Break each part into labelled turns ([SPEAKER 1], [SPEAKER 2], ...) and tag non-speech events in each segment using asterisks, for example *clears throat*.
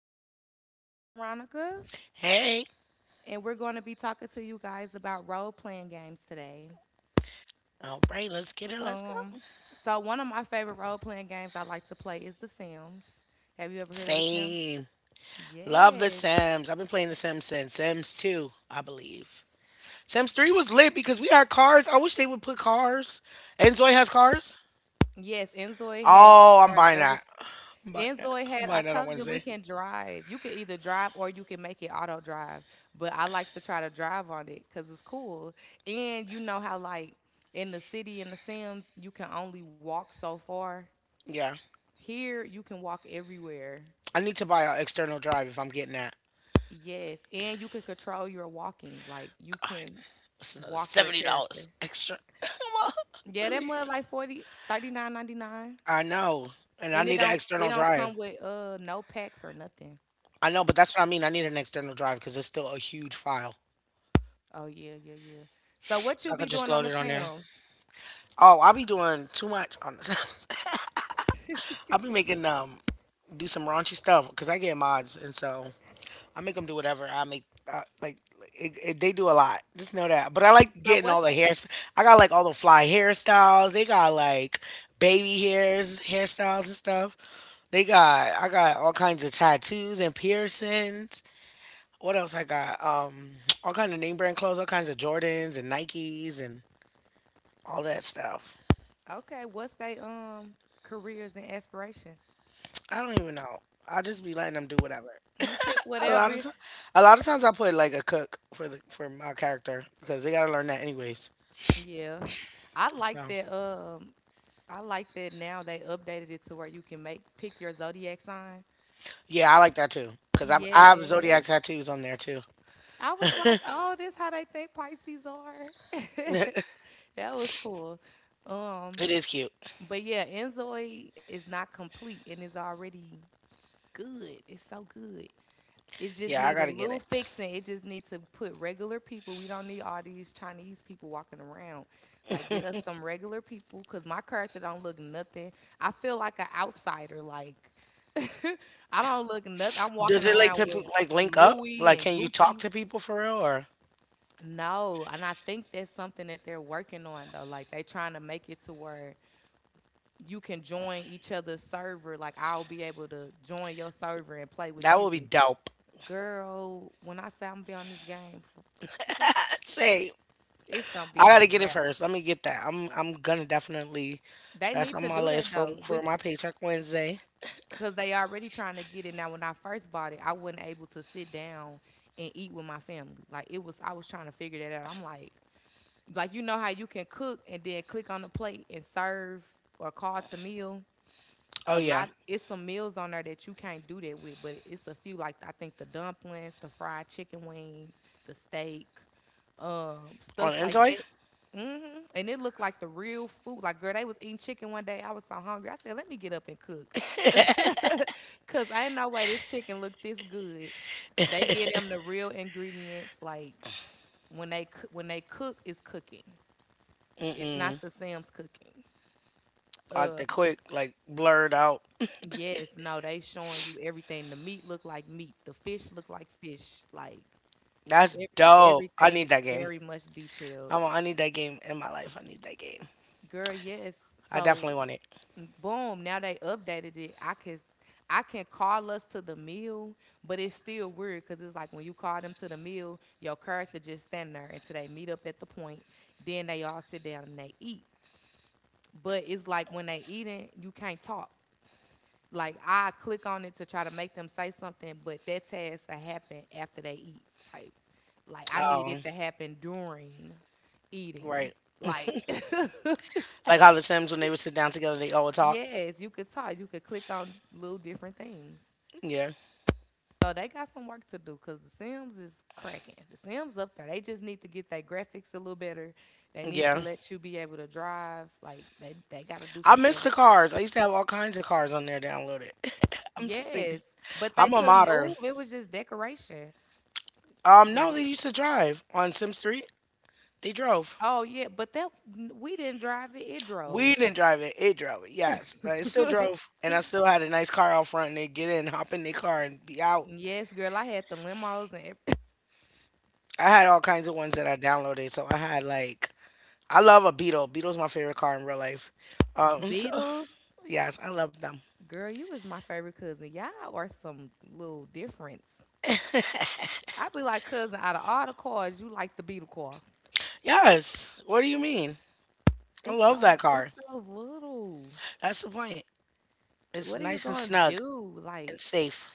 [SPEAKER 1] co-host Veronica,
[SPEAKER 2] Hey.
[SPEAKER 1] and we're going to be talking to you guys about role-playing games today.
[SPEAKER 2] All right, let's get it. Let's go.
[SPEAKER 1] Um, so one of my favorite role-playing games I like to play is The Sims. Have you ever heard of The Sims?
[SPEAKER 2] Same. Love The
[SPEAKER 1] Yes.
[SPEAKER 2] Sims. I've been playing The Sims since Sims 2, I believe. Sims 3 was lit because we had cars. I wish they would put cars. Enjoy has cars.
[SPEAKER 1] Yes, Enzoy has
[SPEAKER 2] Oh, I'm
[SPEAKER 1] cars.
[SPEAKER 2] buying
[SPEAKER 1] That
[SPEAKER 2] that.
[SPEAKER 1] was
[SPEAKER 2] I'm buying that.
[SPEAKER 1] Enzoy had.
[SPEAKER 2] I'm
[SPEAKER 1] I
[SPEAKER 2] buying that
[SPEAKER 1] told
[SPEAKER 2] on
[SPEAKER 1] you we
[SPEAKER 2] Wednesday.
[SPEAKER 1] can drive. You can either drive or you can make it auto drive. But I like to try to drive on it because it's cool. And you know how like in the city in the Sims you can only walk so far.
[SPEAKER 2] Yeah.
[SPEAKER 1] Here you can walk everywhere.
[SPEAKER 2] I need to buy an external drive if I'm getting that.
[SPEAKER 1] Yes, and you can control your walking. Like you
[SPEAKER 2] God,
[SPEAKER 1] can
[SPEAKER 2] that's another
[SPEAKER 1] walk your
[SPEAKER 2] $70
[SPEAKER 1] character.
[SPEAKER 2] extra. *laughs* Come on.
[SPEAKER 1] Yeah,
[SPEAKER 2] Let
[SPEAKER 1] that
[SPEAKER 2] me.
[SPEAKER 1] mud like forty thirty nine ninety nine.
[SPEAKER 2] I know. And I
[SPEAKER 1] and it
[SPEAKER 2] need an
[SPEAKER 1] don't it
[SPEAKER 2] external
[SPEAKER 1] don't
[SPEAKER 2] drive.
[SPEAKER 1] come with no packs or nothing.
[SPEAKER 2] I know, but that's what I mean. I need an external drive because it's still a huge file.
[SPEAKER 1] Oh yeah, yeah, yeah. So what you
[SPEAKER 2] So I
[SPEAKER 1] be
[SPEAKER 2] could just
[SPEAKER 1] doing on
[SPEAKER 2] load
[SPEAKER 1] the
[SPEAKER 2] it on there.
[SPEAKER 1] Sims?
[SPEAKER 2] Oh, I'll be doing too much on this. *laughs* I'll be making do some raunchy stuff because I get mods, and so I make them do whatever. I make like they do a lot. Just know that. But I like
[SPEAKER 1] So
[SPEAKER 2] getting all
[SPEAKER 1] what's
[SPEAKER 2] the
[SPEAKER 1] that?
[SPEAKER 2] hairs. I got like all the fly hairstyles. They got like baby hairs, hairstyles and stuff. They got I got all kinds of tattoos and piercings. What else I got? All kind of name brand clothes, all kinds of Jordans and Nikes and all that stuff.
[SPEAKER 1] Okay, what's they careers and aspirations?
[SPEAKER 2] I don't even know. I'll just be letting them do whatever.
[SPEAKER 1] You pick
[SPEAKER 2] A lot of
[SPEAKER 1] whatever.
[SPEAKER 2] time, a lot of times I put like a cook for the for my character because they gotta learn that anyways.
[SPEAKER 1] Yeah, I like
[SPEAKER 2] So
[SPEAKER 1] that. I like that now they updated it to where you can make pick your zodiac sign.
[SPEAKER 2] yeah, I like that too because I have zodiac
[SPEAKER 1] Yes.
[SPEAKER 2] tattoos on there too.
[SPEAKER 1] I was like, oh, this how they think Pisces are. *laughs*
[SPEAKER 2] *laughs*
[SPEAKER 1] That was cool. Um,
[SPEAKER 2] It is cute.
[SPEAKER 1] but yeah, Enzoid is not complete and it's already good. It's so good. It just
[SPEAKER 2] Yeah, I
[SPEAKER 1] need a
[SPEAKER 2] gotta get
[SPEAKER 1] little
[SPEAKER 2] it.
[SPEAKER 1] fixing. It just need to put regular people. We don't need all these Chinese people walking around. Like get us some regular people cuz my character don't look nothing. I feel like an outsider like *laughs* I don't look nothing. I'm
[SPEAKER 2] Does
[SPEAKER 1] walking
[SPEAKER 2] it like
[SPEAKER 1] around
[SPEAKER 2] people
[SPEAKER 1] with
[SPEAKER 2] like link up?
[SPEAKER 1] Louis
[SPEAKER 2] Like,
[SPEAKER 1] and
[SPEAKER 2] can you talk
[SPEAKER 1] Gucci.
[SPEAKER 2] to people for real? Or
[SPEAKER 1] No, and I think that's something that they're working on though. Like they trying to make it to where you can join each other's server. Like I'll be able to join your server and play with
[SPEAKER 2] that
[SPEAKER 1] you.
[SPEAKER 2] would be dope.
[SPEAKER 1] Girl, when I say I'm gonna be on this game, for, girl,
[SPEAKER 2] *laughs* Same.
[SPEAKER 1] it's gonna
[SPEAKER 2] I
[SPEAKER 1] be a
[SPEAKER 2] gotta get it
[SPEAKER 1] wrap.
[SPEAKER 2] first. Let me get that. I'm gonna definitely.
[SPEAKER 1] They
[SPEAKER 2] That's
[SPEAKER 1] need
[SPEAKER 2] on
[SPEAKER 1] to
[SPEAKER 2] my
[SPEAKER 1] do
[SPEAKER 2] list
[SPEAKER 1] that
[SPEAKER 2] for
[SPEAKER 1] though. We
[SPEAKER 2] my paycheck Wednesday.
[SPEAKER 1] cause they already trying to get it. Now when I first bought it, I wasn't able to sit down and eat with my family. Like it was I was trying to figure that out. I'm like you know how you can cook and then click on the plate and serve or call to meal.
[SPEAKER 2] Oh
[SPEAKER 1] A
[SPEAKER 2] yeah,
[SPEAKER 1] lot it's some meals on there that you can't do that with, but it's a few like I think the dumplings, the fried chicken wings, the steak,
[SPEAKER 2] on
[SPEAKER 1] stuff like
[SPEAKER 2] Enjoy.
[SPEAKER 1] that. Hmm, and it looked like the real food. Like girl they was eating chicken one day I was so hungry I said let me get up and cook *laughs* because ain't no way this chicken looked this good. They get them the real ingredients like when they cook it's cooking. It's not
[SPEAKER 2] Mm,
[SPEAKER 1] the Sam's cooking.
[SPEAKER 2] like
[SPEAKER 1] Um,
[SPEAKER 2] the quick, like blurred out.
[SPEAKER 1] Yes, no, they showing you everything. The meat look like meat. The fish look like fish. Like
[SPEAKER 2] That's dope. I
[SPEAKER 1] everything
[SPEAKER 2] need
[SPEAKER 1] is
[SPEAKER 2] that game.
[SPEAKER 1] very much detailed.
[SPEAKER 2] I need that game in my life. I need that game.
[SPEAKER 1] Girl, yes.
[SPEAKER 2] I definitely
[SPEAKER 1] So
[SPEAKER 2] want it.
[SPEAKER 1] boom, now they updated it. I can call us to the meal, but it's still weird because it's like when you call them to the meal, your character just stand there until they meet up at the point. Then they all sit down and they eat. But it's like when they eating, you can't talk. Like I click on it to try to make them say something, but that task to happen after they eat type. Like I need it
[SPEAKER 2] Um,
[SPEAKER 1] to happen during eating.
[SPEAKER 2] right.
[SPEAKER 1] Like
[SPEAKER 2] Like how the Sims when they would sit down together, they all would
[SPEAKER 1] *laughs*
[SPEAKER 2] talk.
[SPEAKER 1] yes, you could talk. You could click on little different things.
[SPEAKER 2] Yeah,
[SPEAKER 1] So they got some work to do because the Sims is cracking. The Sims up there. They just need to get their graphics a little better. They need to
[SPEAKER 2] yeah.
[SPEAKER 1] let you be able to drive. Like they gotta do
[SPEAKER 2] I
[SPEAKER 1] some
[SPEAKER 2] miss
[SPEAKER 1] stuff.
[SPEAKER 2] the cars. I used to have all kinds of cars on there downloaded. *laughs* I'm telling you,
[SPEAKER 1] Yes. But they
[SPEAKER 2] I'm a
[SPEAKER 1] couldn't
[SPEAKER 2] modder.
[SPEAKER 1] move. It was just decoration.
[SPEAKER 2] No, they
[SPEAKER 1] Like
[SPEAKER 2] used to drive on Sims Street. They drove.
[SPEAKER 1] oh yeah, but that we didn't drive it; it
[SPEAKER 2] We
[SPEAKER 1] drove.
[SPEAKER 2] didn't drive it. It drove it. Yes, but it still
[SPEAKER 1] *laughs*
[SPEAKER 2] drove, and I still had a nice car out front. And they get in, hop in their car, and be out.
[SPEAKER 1] yes, girl, I had the limos and ev-
[SPEAKER 2] I had all kinds of ones that I downloaded. So I had like I love a Beetle. Beetle's my favorite car in real life.
[SPEAKER 1] *coughs*
[SPEAKER 2] *laughs* So
[SPEAKER 1] Beatles.
[SPEAKER 2] yes, I love them.
[SPEAKER 1] Girl, you is my favorite cousin. Y'all are some little difference.
[SPEAKER 2] *laughs*
[SPEAKER 1] I be like cousin. Out of all the cars, you like the Beetle car.
[SPEAKER 2] Yes. What do you mean? I love that car.
[SPEAKER 1] It's so little.
[SPEAKER 2] That's the point. It's
[SPEAKER 1] What are you
[SPEAKER 2] nice and
[SPEAKER 1] gonna
[SPEAKER 2] snug
[SPEAKER 1] do?
[SPEAKER 2] and
[SPEAKER 1] Like
[SPEAKER 2] safe.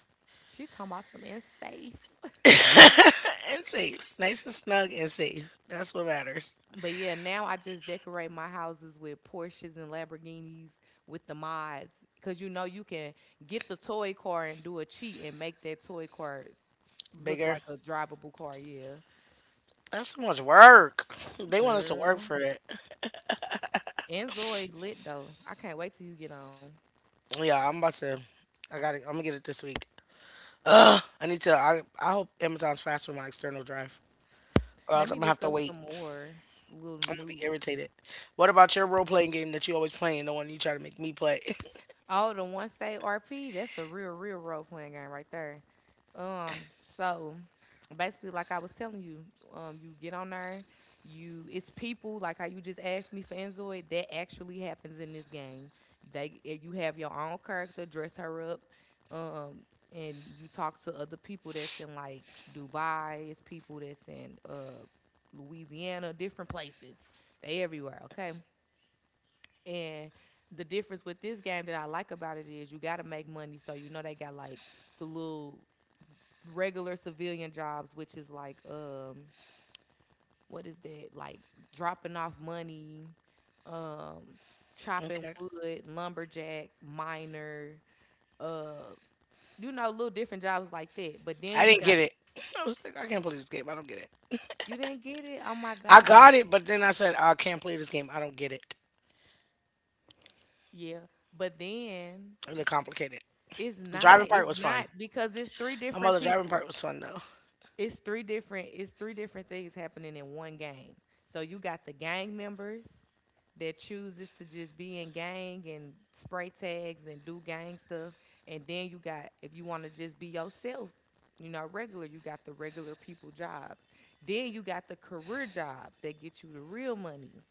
[SPEAKER 1] she talking about some unsafe.
[SPEAKER 2] *laughs*
[SPEAKER 1] *laughs*
[SPEAKER 2] And safe. Nice and snug and safe. That's what matters.
[SPEAKER 1] But yeah, now I just decorate my houses with Porsches and Lamborghinis with the mods because you know you can get the toy car and do a cheat and make that toy car look
[SPEAKER 2] Bigger.
[SPEAKER 1] like a drivable car. Yeah,
[SPEAKER 2] That's so much work. They want us to work
[SPEAKER 1] girl.
[SPEAKER 2] for it.
[SPEAKER 1] And Zoid lit though. I can't wait till you get on.
[SPEAKER 2] Yeah, I'm about to. I got to I'm gonna get it this week. Ugh. I need to. I hope Amazon's fast with my external drive, or
[SPEAKER 1] Let
[SPEAKER 2] else I'm
[SPEAKER 1] me
[SPEAKER 2] gonna have
[SPEAKER 1] look
[SPEAKER 2] to
[SPEAKER 1] up some
[SPEAKER 2] wait.
[SPEAKER 1] more little
[SPEAKER 2] I'm gonna be
[SPEAKER 1] new.
[SPEAKER 2] irritated. What about your role playing game that you always playing? The one you try to make me play?
[SPEAKER 1] Oh, the one state RP, that's a real, real role playing game right there. So basically, like I was telling you, you get on there, you it's people like how you just asked me for Enzoid, that actually happens in this game. You have your own character, dress her up, um, and you talk to other people that's in like Dubai, it's people that's in Louisiana, different places. They everywhere, okay? And the difference with this game that I like about it is you got to make money. So you know they got like the little regular civilian jobs, which is like what is that like dropping off money, um
[SPEAKER 2] *laughs*
[SPEAKER 1] chopping
[SPEAKER 2] Okay.
[SPEAKER 1] wood, lumberjack, miner, uh you know little different jobs like that. But then
[SPEAKER 2] I
[SPEAKER 1] you
[SPEAKER 2] didn't
[SPEAKER 1] got
[SPEAKER 2] get it. I was like, I can't play this game. I don't get it.
[SPEAKER 1] you didn't get it. Oh my
[SPEAKER 2] I
[SPEAKER 1] god.
[SPEAKER 2] got it, but then I said, I can't play this game. I don't get it.
[SPEAKER 1] Yeah. But then
[SPEAKER 2] Really complicated.
[SPEAKER 1] it's
[SPEAKER 2] The driving
[SPEAKER 1] not.
[SPEAKER 2] part
[SPEAKER 1] It's
[SPEAKER 2] was fun.
[SPEAKER 1] not because it's three
[SPEAKER 2] My
[SPEAKER 1] different
[SPEAKER 2] mother driving
[SPEAKER 1] people.
[SPEAKER 2] part was fun though.
[SPEAKER 1] It's three different things happening in one game. So you got the gang members that chooses to just be in gang and spray tags and do gang stuff, and then you got if you want to just be yourself, you know, regular, you got the regular people jobs. Then you got the career jobs that get you the real money,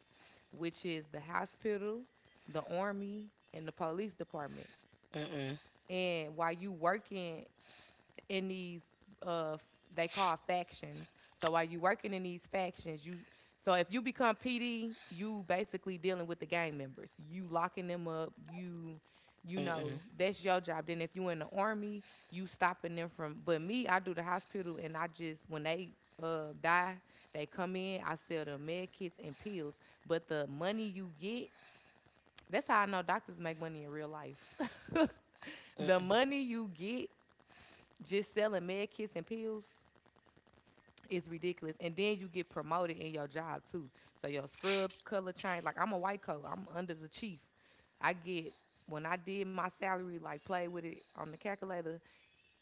[SPEAKER 1] which is the hospital, the army, and the police department.
[SPEAKER 2] Mm-mm.
[SPEAKER 1] And while you working in these uh f- they call factions. So while you working in these factions, you so if you become PD, you basically dealing with the gang members. You locking them up, you know,
[SPEAKER 2] Mm-mm.
[SPEAKER 1] that's your job. Then if you in the army, you stopping them from but me, I do the hospital and I just when they die, they come in, I sell them med kits and pills. But the money you get, that's how I know doctors make money in real life. *laughs* The
[SPEAKER 2] Mm-mm.
[SPEAKER 1] money you get just selling med kits and pills is ridiculous. And then you get promoted in your job too. So your scrubs color change. Like I'm a white coat. I'm under the chief. I get when I did my salary, like play with it on the calculator,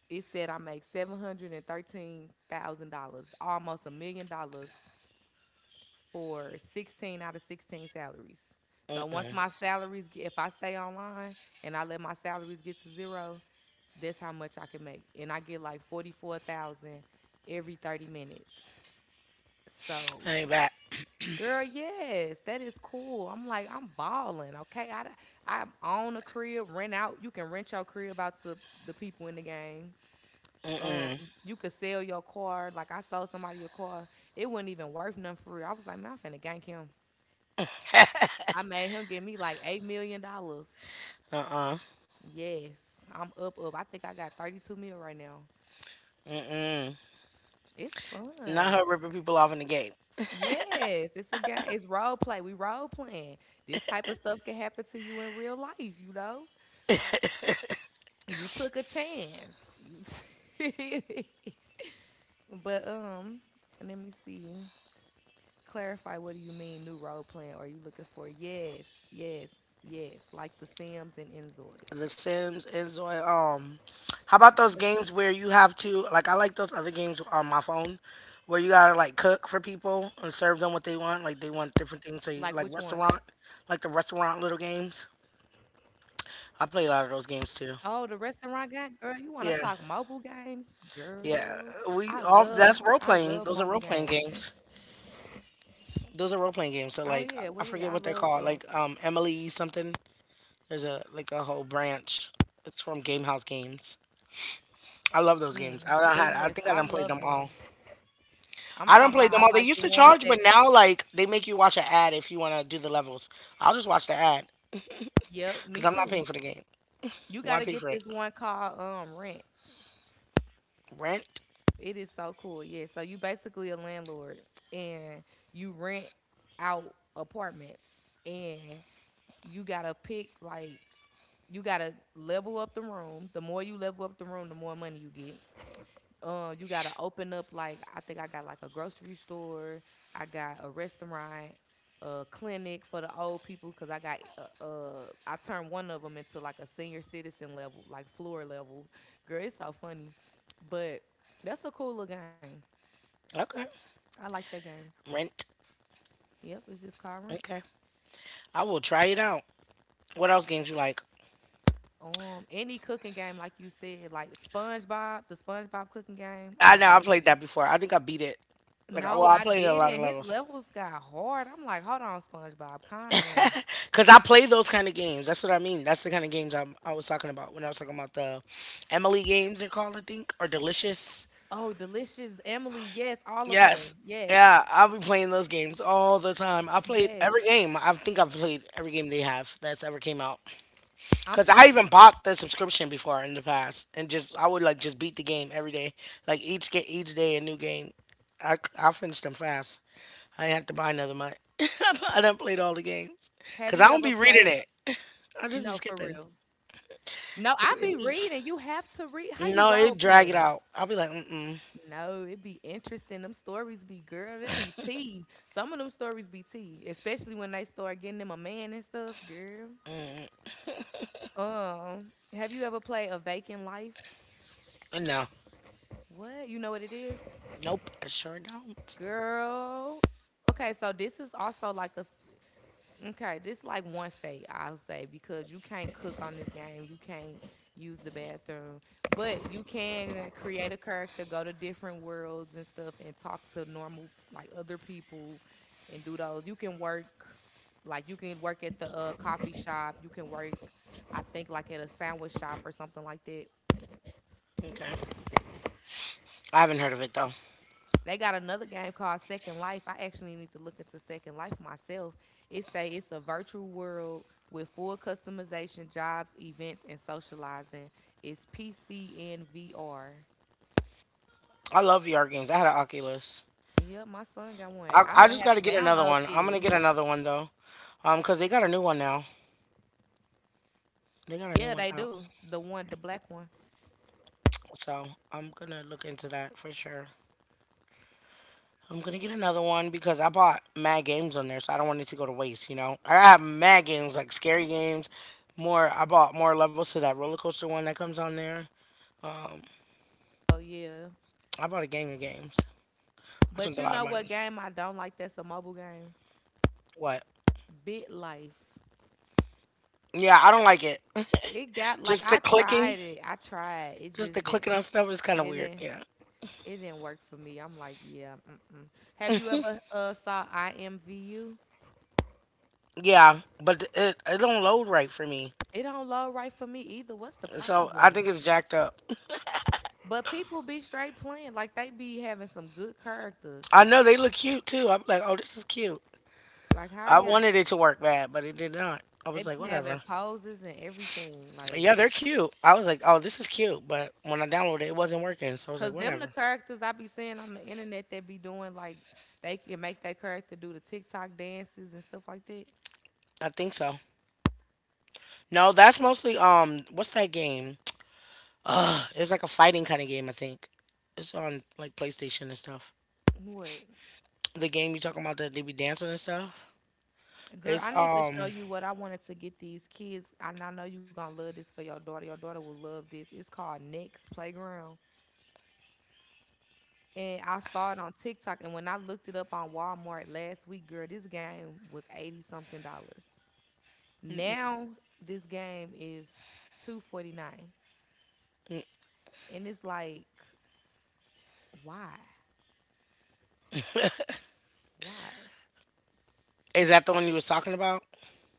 [SPEAKER 1] it said I make $713,000, almost $1 million for 16 out of 16 salaries. So once
[SPEAKER 2] Mm-mm.
[SPEAKER 1] my salaries, get, if I stay online and I let my salaries get to zero, that's how much I can make. And I get like 44,000 every 30 minutes. So,
[SPEAKER 2] I ain't back.
[SPEAKER 1] girl, yes, that is cool. I'm like, I'm balling, okay? I own a crib, rent out. You can rent your crib out to the people in the game. Um,
[SPEAKER 2] Mm-mm.
[SPEAKER 1] you could sell your car. Like, I sold somebody a car. It wasn't even worth nothing for real. I was like, man, I'm finna gank him. I made him give me like $8 million. Dollars.
[SPEAKER 2] Uh-uh.
[SPEAKER 1] Yes, I'm up, up. I think I got 32 mil right now.
[SPEAKER 2] Mm-mm.
[SPEAKER 1] It's
[SPEAKER 2] Not
[SPEAKER 1] fun.
[SPEAKER 2] her ripping people off in the game.
[SPEAKER 1] Yes, it's a game. It's role play. We role playing. This type of stuff can happen to you in real life, you know? You took a chance. *laughs* But let me see. Clarify what do you mean new role playing? Are you looking for yes, yes, yes, like the Sims and Enzoy?
[SPEAKER 2] The Sims, Enjoy. How about those
[SPEAKER 1] Yes.
[SPEAKER 2] games where you have to like? I like those other games on my phone where you gotta like cook for people and serve
[SPEAKER 1] Like
[SPEAKER 2] them
[SPEAKER 1] which
[SPEAKER 2] what they
[SPEAKER 1] ones?
[SPEAKER 2] want. Like they want different things, so you, like restaurant, like the restaurant little games. I
[SPEAKER 1] Oh, the
[SPEAKER 2] play a lot of those
[SPEAKER 1] restaurant
[SPEAKER 2] games
[SPEAKER 1] guy,
[SPEAKER 2] too.
[SPEAKER 1] girl. You want to talk mobile
[SPEAKER 2] Yeah,
[SPEAKER 1] games, girl? I
[SPEAKER 2] yeah.
[SPEAKER 1] love,
[SPEAKER 2] We
[SPEAKER 1] I
[SPEAKER 2] all
[SPEAKER 1] love
[SPEAKER 2] that's
[SPEAKER 1] mobile
[SPEAKER 2] role playing.
[SPEAKER 1] games.
[SPEAKER 2] Those are role playing games. Those are role playing
[SPEAKER 1] Oh
[SPEAKER 2] games. So
[SPEAKER 1] yeah, well
[SPEAKER 2] like
[SPEAKER 1] yeah, I
[SPEAKER 2] I forget
[SPEAKER 1] love.
[SPEAKER 2] what they're
[SPEAKER 1] um.
[SPEAKER 2] called. Like Emily something. There's a like a whole branch. It's from Gamehouse Games. I love those
[SPEAKER 1] Mm,
[SPEAKER 2] games.
[SPEAKER 1] but yes,
[SPEAKER 2] I
[SPEAKER 1] I
[SPEAKER 2] think I done
[SPEAKER 1] love
[SPEAKER 2] played them
[SPEAKER 1] them.
[SPEAKER 2] all.
[SPEAKER 1] I'm
[SPEAKER 2] I
[SPEAKER 1] talking
[SPEAKER 2] don't
[SPEAKER 1] about I
[SPEAKER 2] play them all.
[SPEAKER 1] like
[SPEAKER 2] They
[SPEAKER 1] the
[SPEAKER 2] used to
[SPEAKER 1] ones that
[SPEAKER 2] charge, but now like they make you watch an ad if you want to do the levels. I'll just watch the ad
[SPEAKER 1] yep,
[SPEAKER 2] because
[SPEAKER 1] me
[SPEAKER 2] I'm not
[SPEAKER 1] too.
[SPEAKER 2] paying for the game.
[SPEAKER 1] You
[SPEAKER 2] Why
[SPEAKER 1] gotta
[SPEAKER 2] pay for
[SPEAKER 1] get
[SPEAKER 2] it?
[SPEAKER 1] this one called rent.
[SPEAKER 2] Rent.
[SPEAKER 1] It is so cool. Yeah. So you basically a landlord and you rent out apartments and you gotta pick like you gotta level up the room. The more you level up the room, the more money you get. You gotta open up like, I think I got like a grocery store, I got a restaurant, a clinic for the old people because I got I turned one of them into like a senior citizen level, like floor level. Girl, it's so funny. But that's a cool little game.
[SPEAKER 2] Okay.
[SPEAKER 1] I like that game.
[SPEAKER 2] Rent.
[SPEAKER 1] Yep, it's just called Rent.
[SPEAKER 2] Okay. I will try it out. What else games you like?
[SPEAKER 1] Any cooking game, like you said, like SpongeBob, the SpongeBob cooking game, oh
[SPEAKER 2] I
[SPEAKER 1] my
[SPEAKER 2] know
[SPEAKER 1] god.
[SPEAKER 2] I played that before. I think I beat it. Like well,
[SPEAKER 1] No,
[SPEAKER 2] I
[SPEAKER 1] I
[SPEAKER 2] played a lot of
[SPEAKER 1] didn't. His
[SPEAKER 2] levels
[SPEAKER 1] levels got hard. I'm like, hold on, SpongeBob, calm down.
[SPEAKER 2] because I play those kind of games. That's what I mean. That's the kind of games I was talking about when I was talking about the Emily games. They're called, I think, or Delicious.
[SPEAKER 1] Oh, Delicious Emily. Yes, all of
[SPEAKER 2] Yes.
[SPEAKER 1] her. Yes.
[SPEAKER 2] Yeah, I'll be playing those games all the time. I played
[SPEAKER 1] Yes.
[SPEAKER 2] every game. I think I've played every game they have that's ever came out.
[SPEAKER 1] I'm
[SPEAKER 2] Cause I
[SPEAKER 1] talking.
[SPEAKER 2] even bought the subscription before in the past, and just I would like just beat the game every day. Like each day a new game. I finished them fast. I didn't have to buy another month. *laughs* I done played all the games.
[SPEAKER 1] Have
[SPEAKER 2] Cause I
[SPEAKER 1] you
[SPEAKER 2] don't
[SPEAKER 1] ever
[SPEAKER 2] be reading
[SPEAKER 1] played?
[SPEAKER 2] it. I just be
[SPEAKER 1] No, for
[SPEAKER 2] skipping.
[SPEAKER 1] real. No,
[SPEAKER 2] It-
[SPEAKER 1] I be
[SPEAKER 2] it-
[SPEAKER 1] reading. You have to read. How you
[SPEAKER 2] no,
[SPEAKER 1] role
[SPEAKER 2] it drag it
[SPEAKER 1] playing?
[SPEAKER 2] out. I'll be like,
[SPEAKER 1] No, it be interesting. Them stories be, girl, that be tea. Some of them stories be tea, especially when they start getting them a man and stuff, girl. Um, have you ever played A Vacant Life?
[SPEAKER 2] no,
[SPEAKER 1] What? You know what it is?
[SPEAKER 2] nope, I sure don't.
[SPEAKER 1] Girl. Okay, so this is also like a s-. Okay, this like one state, I'll say, because you can't cook on this game, you can't use the bathroom, but you can create a character, go to different worlds and stuff, and talk to normal like other people, and do those. You can work, like you can work at the coffee shop. You can work, I think, like at a sandwich shop or something like that.
[SPEAKER 2] Okay, I haven't heard of it though.
[SPEAKER 1] They got another game called Second Life. I actually need to look into Second Life myself. It say it's a virtual world with full customization, jobs, events, and socializing. It's PC and VR.
[SPEAKER 2] I love VR games. I had an Oculus.
[SPEAKER 1] Yeah, my son got one. I
[SPEAKER 2] I
[SPEAKER 1] might
[SPEAKER 2] just
[SPEAKER 1] have
[SPEAKER 2] got to
[SPEAKER 1] to
[SPEAKER 2] get another
[SPEAKER 1] download
[SPEAKER 2] one. I'm gonna
[SPEAKER 1] this.
[SPEAKER 2] get another one though, cause they got a new one now. They got a new
[SPEAKER 1] Yeah,
[SPEAKER 2] one
[SPEAKER 1] they
[SPEAKER 2] out,
[SPEAKER 1] do. The one, the black one.
[SPEAKER 2] so I'm gonna look into that for sure. I'm gonna get another one because I bought mad games on there, so I don't want it to go to waste. You know, I have mad games like scary games. More, I bought more levels to that roller coaster one that comes on there. Um,
[SPEAKER 1] Oh yeah.
[SPEAKER 2] I bought a gang of games. I spent
[SPEAKER 1] But
[SPEAKER 2] a
[SPEAKER 1] you
[SPEAKER 2] lot of
[SPEAKER 1] know what
[SPEAKER 2] money.
[SPEAKER 1] game I don't like? That's a mobile game.
[SPEAKER 2] What?
[SPEAKER 1] Bit Life.
[SPEAKER 2] Yeah, I don't like it. *laughs*
[SPEAKER 1] It got like,
[SPEAKER 2] just the
[SPEAKER 1] I
[SPEAKER 2] clicking,
[SPEAKER 1] tried it. I tried. It
[SPEAKER 2] just the
[SPEAKER 1] just didn't.
[SPEAKER 2] clicking on stuff is kind of
[SPEAKER 1] It
[SPEAKER 2] weird.
[SPEAKER 1] didn't.
[SPEAKER 2] Yeah.
[SPEAKER 1] It didn't work for me. I'm like, yeah. Mm-mm. Have you ever saw IMVU?
[SPEAKER 2] Yeah, but it don't load right for me.
[SPEAKER 1] It don't load right for me either. What's the
[SPEAKER 2] So I think
[SPEAKER 1] problem?
[SPEAKER 2] it's jacked up.
[SPEAKER 1] But people be straight playing. Like they be having some good characters.
[SPEAKER 2] I know they look cute too. I'm like, oh, this is cute.
[SPEAKER 1] Like, how are
[SPEAKER 2] I
[SPEAKER 1] y'all?
[SPEAKER 2] wanted it to work bad, but it did not. I
[SPEAKER 1] They
[SPEAKER 2] was like,
[SPEAKER 1] be having
[SPEAKER 2] whatever.
[SPEAKER 1] poses and everything. Like,
[SPEAKER 2] Yeah, they're cute. I was like, oh, this is cute. But when I downloaded it, it wasn't working. So I was like,
[SPEAKER 1] cause them the
[SPEAKER 2] whatever.
[SPEAKER 1] characters I be seeing on the internet that be doing like, they can make that character do the TikTok dances and stuff like that.
[SPEAKER 2] I think so. No, that's mostly what's that game? Ugh, it's like a fighting kind of game. I think it's on like PlayStation and stuff.
[SPEAKER 1] What?
[SPEAKER 2] The game you talking about that they be dancing and stuff.
[SPEAKER 1] Girl,
[SPEAKER 2] It's
[SPEAKER 1] I need to show you what I wanted to get these kids. And I know you're going to love this for your daughter. Your daughter will love this. It's called Next Playground. And I saw it on TikTok. And when I looked it up on Walmart last week, girl, this game was 80 something dollars. Now this game is 249. And it's like, why? Why?
[SPEAKER 2] is that the one you was talking about?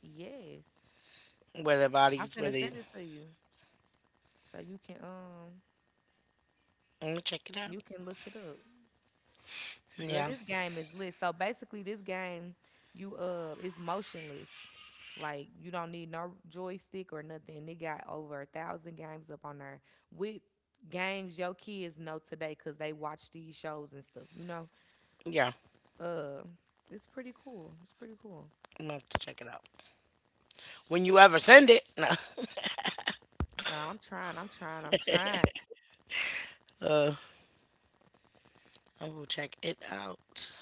[SPEAKER 1] Yes.
[SPEAKER 2] Where their
[SPEAKER 1] I
[SPEAKER 2] bodies, where
[SPEAKER 1] finna
[SPEAKER 2] they
[SPEAKER 1] send it to you. So
[SPEAKER 2] I'm gonna check it
[SPEAKER 1] you
[SPEAKER 2] out.
[SPEAKER 1] can look it up. Girl,
[SPEAKER 2] Yeah,
[SPEAKER 1] this game is lit. So basically, this game, you is motionless. Like, you don't need no joystick or nothing. They got over a thousand games up on there with games your kids know today because they watch these shows and stuff. You know,
[SPEAKER 2] yeah,
[SPEAKER 1] uh, it's pretty cool. It's pretty cool.
[SPEAKER 2] I'm gonna have to check it out. When you ever send it, no,
[SPEAKER 1] I'm trying. I'm trying. I'm trying.
[SPEAKER 2] uh, I will check it out.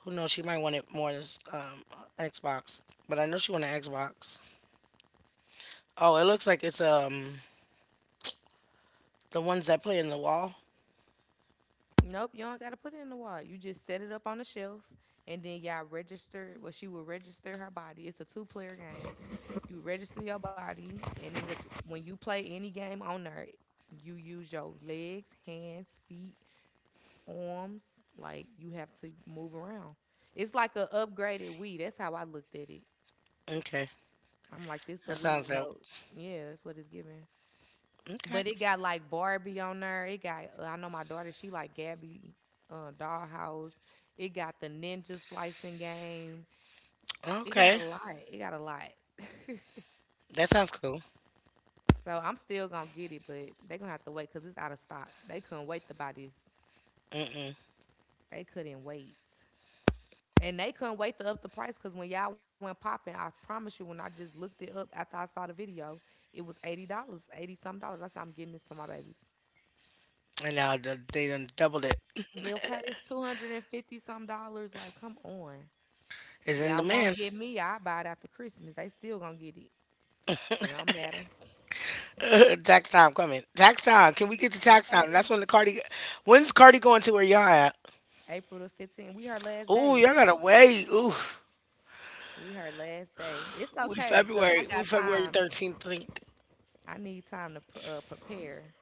[SPEAKER 2] Who knows? She might want it more than um Xbox, but I know she want an Xbox. Oh, it looks like it's the ones that play in the wall.
[SPEAKER 1] Nope, you don't gotta put it in the wall. You just set it up on the shelf, and then y'all register. Well, she will register her body. It's a two-player game. You register your body, and it like, when you play any game on there, you use your legs, hands, feet, arms. Like, you have to move around. It's like a upgraded Wii. That's how I looked at it.
[SPEAKER 2] Okay,
[SPEAKER 1] I'm like, this a
[SPEAKER 2] that
[SPEAKER 1] Wii
[SPEAKER 2] sounds
[SPEAKER 1] with
[SPEAKER 2] dope.
[SPEAKER 1] no. Yeah, that's what it's giving.
[SPEAKER 2] Okay,
[SPEAKER 1] But it got like Barbie on there. It got, I know my daughter, she like Gabby dollhouse. It got the ninja slicing game. It got
[SPEAKER 2] okay,
[SPEAKER 1] a lot. It got a lot.
[SPEAKER 2] that sounds cool.
[SPEAKER 1] *laughs* So I'm still gonna get it, but they gonna have to wait because it's out of stock. They couldn't wait to buy this.
[SPEAKER 2] Mm-mm.
[SPEAKER 1] They couldn't wait. And they couldn't wait to up the price because when y'all went popping, I promise you, when I just looked it up after I saw the video, it was $80, 80 some dollars. I said, I'm getting this for my babies.
[SPEAKER 2] And now they done doubled it.
[SPEAKER 1] Okay, it's 250 some dollars. Like, come on.
[SPEAKER 2] It's in
[SPEAKER 1] Y'all won't
[SPEAKER 2] demand.
[SPEAKER 1] get me. I buy it after Christmas. They still gonna get it. It don't matter.
[SPEAKER 2] *laughs* Tax time coming. Tax time. Can we get to tax time? That's
[SPEAKER 1] Okay.
[SPEAKER 2] when the Cardi. When's Cardi going to where y'all at?
[SPEAKER 1] April the 15th. We her last
[SPEAKER 2] Ooh,
[SPEAKER 1] day.
[SPEAKER 2] y'all gotta wait. Ooh,
[SPEAKER 1] We her last day. It's
[SPEAKER 2] We
[SPEAKER 1] okay, cause I
[SPEAKER 2] February we
[SPEAKER 1] got
[SPEAKER 2] February
[SPEAKER 1] time.
[SPEAKER 2] thirteenth. Think
[SPEAKER 1] I need time to prepare.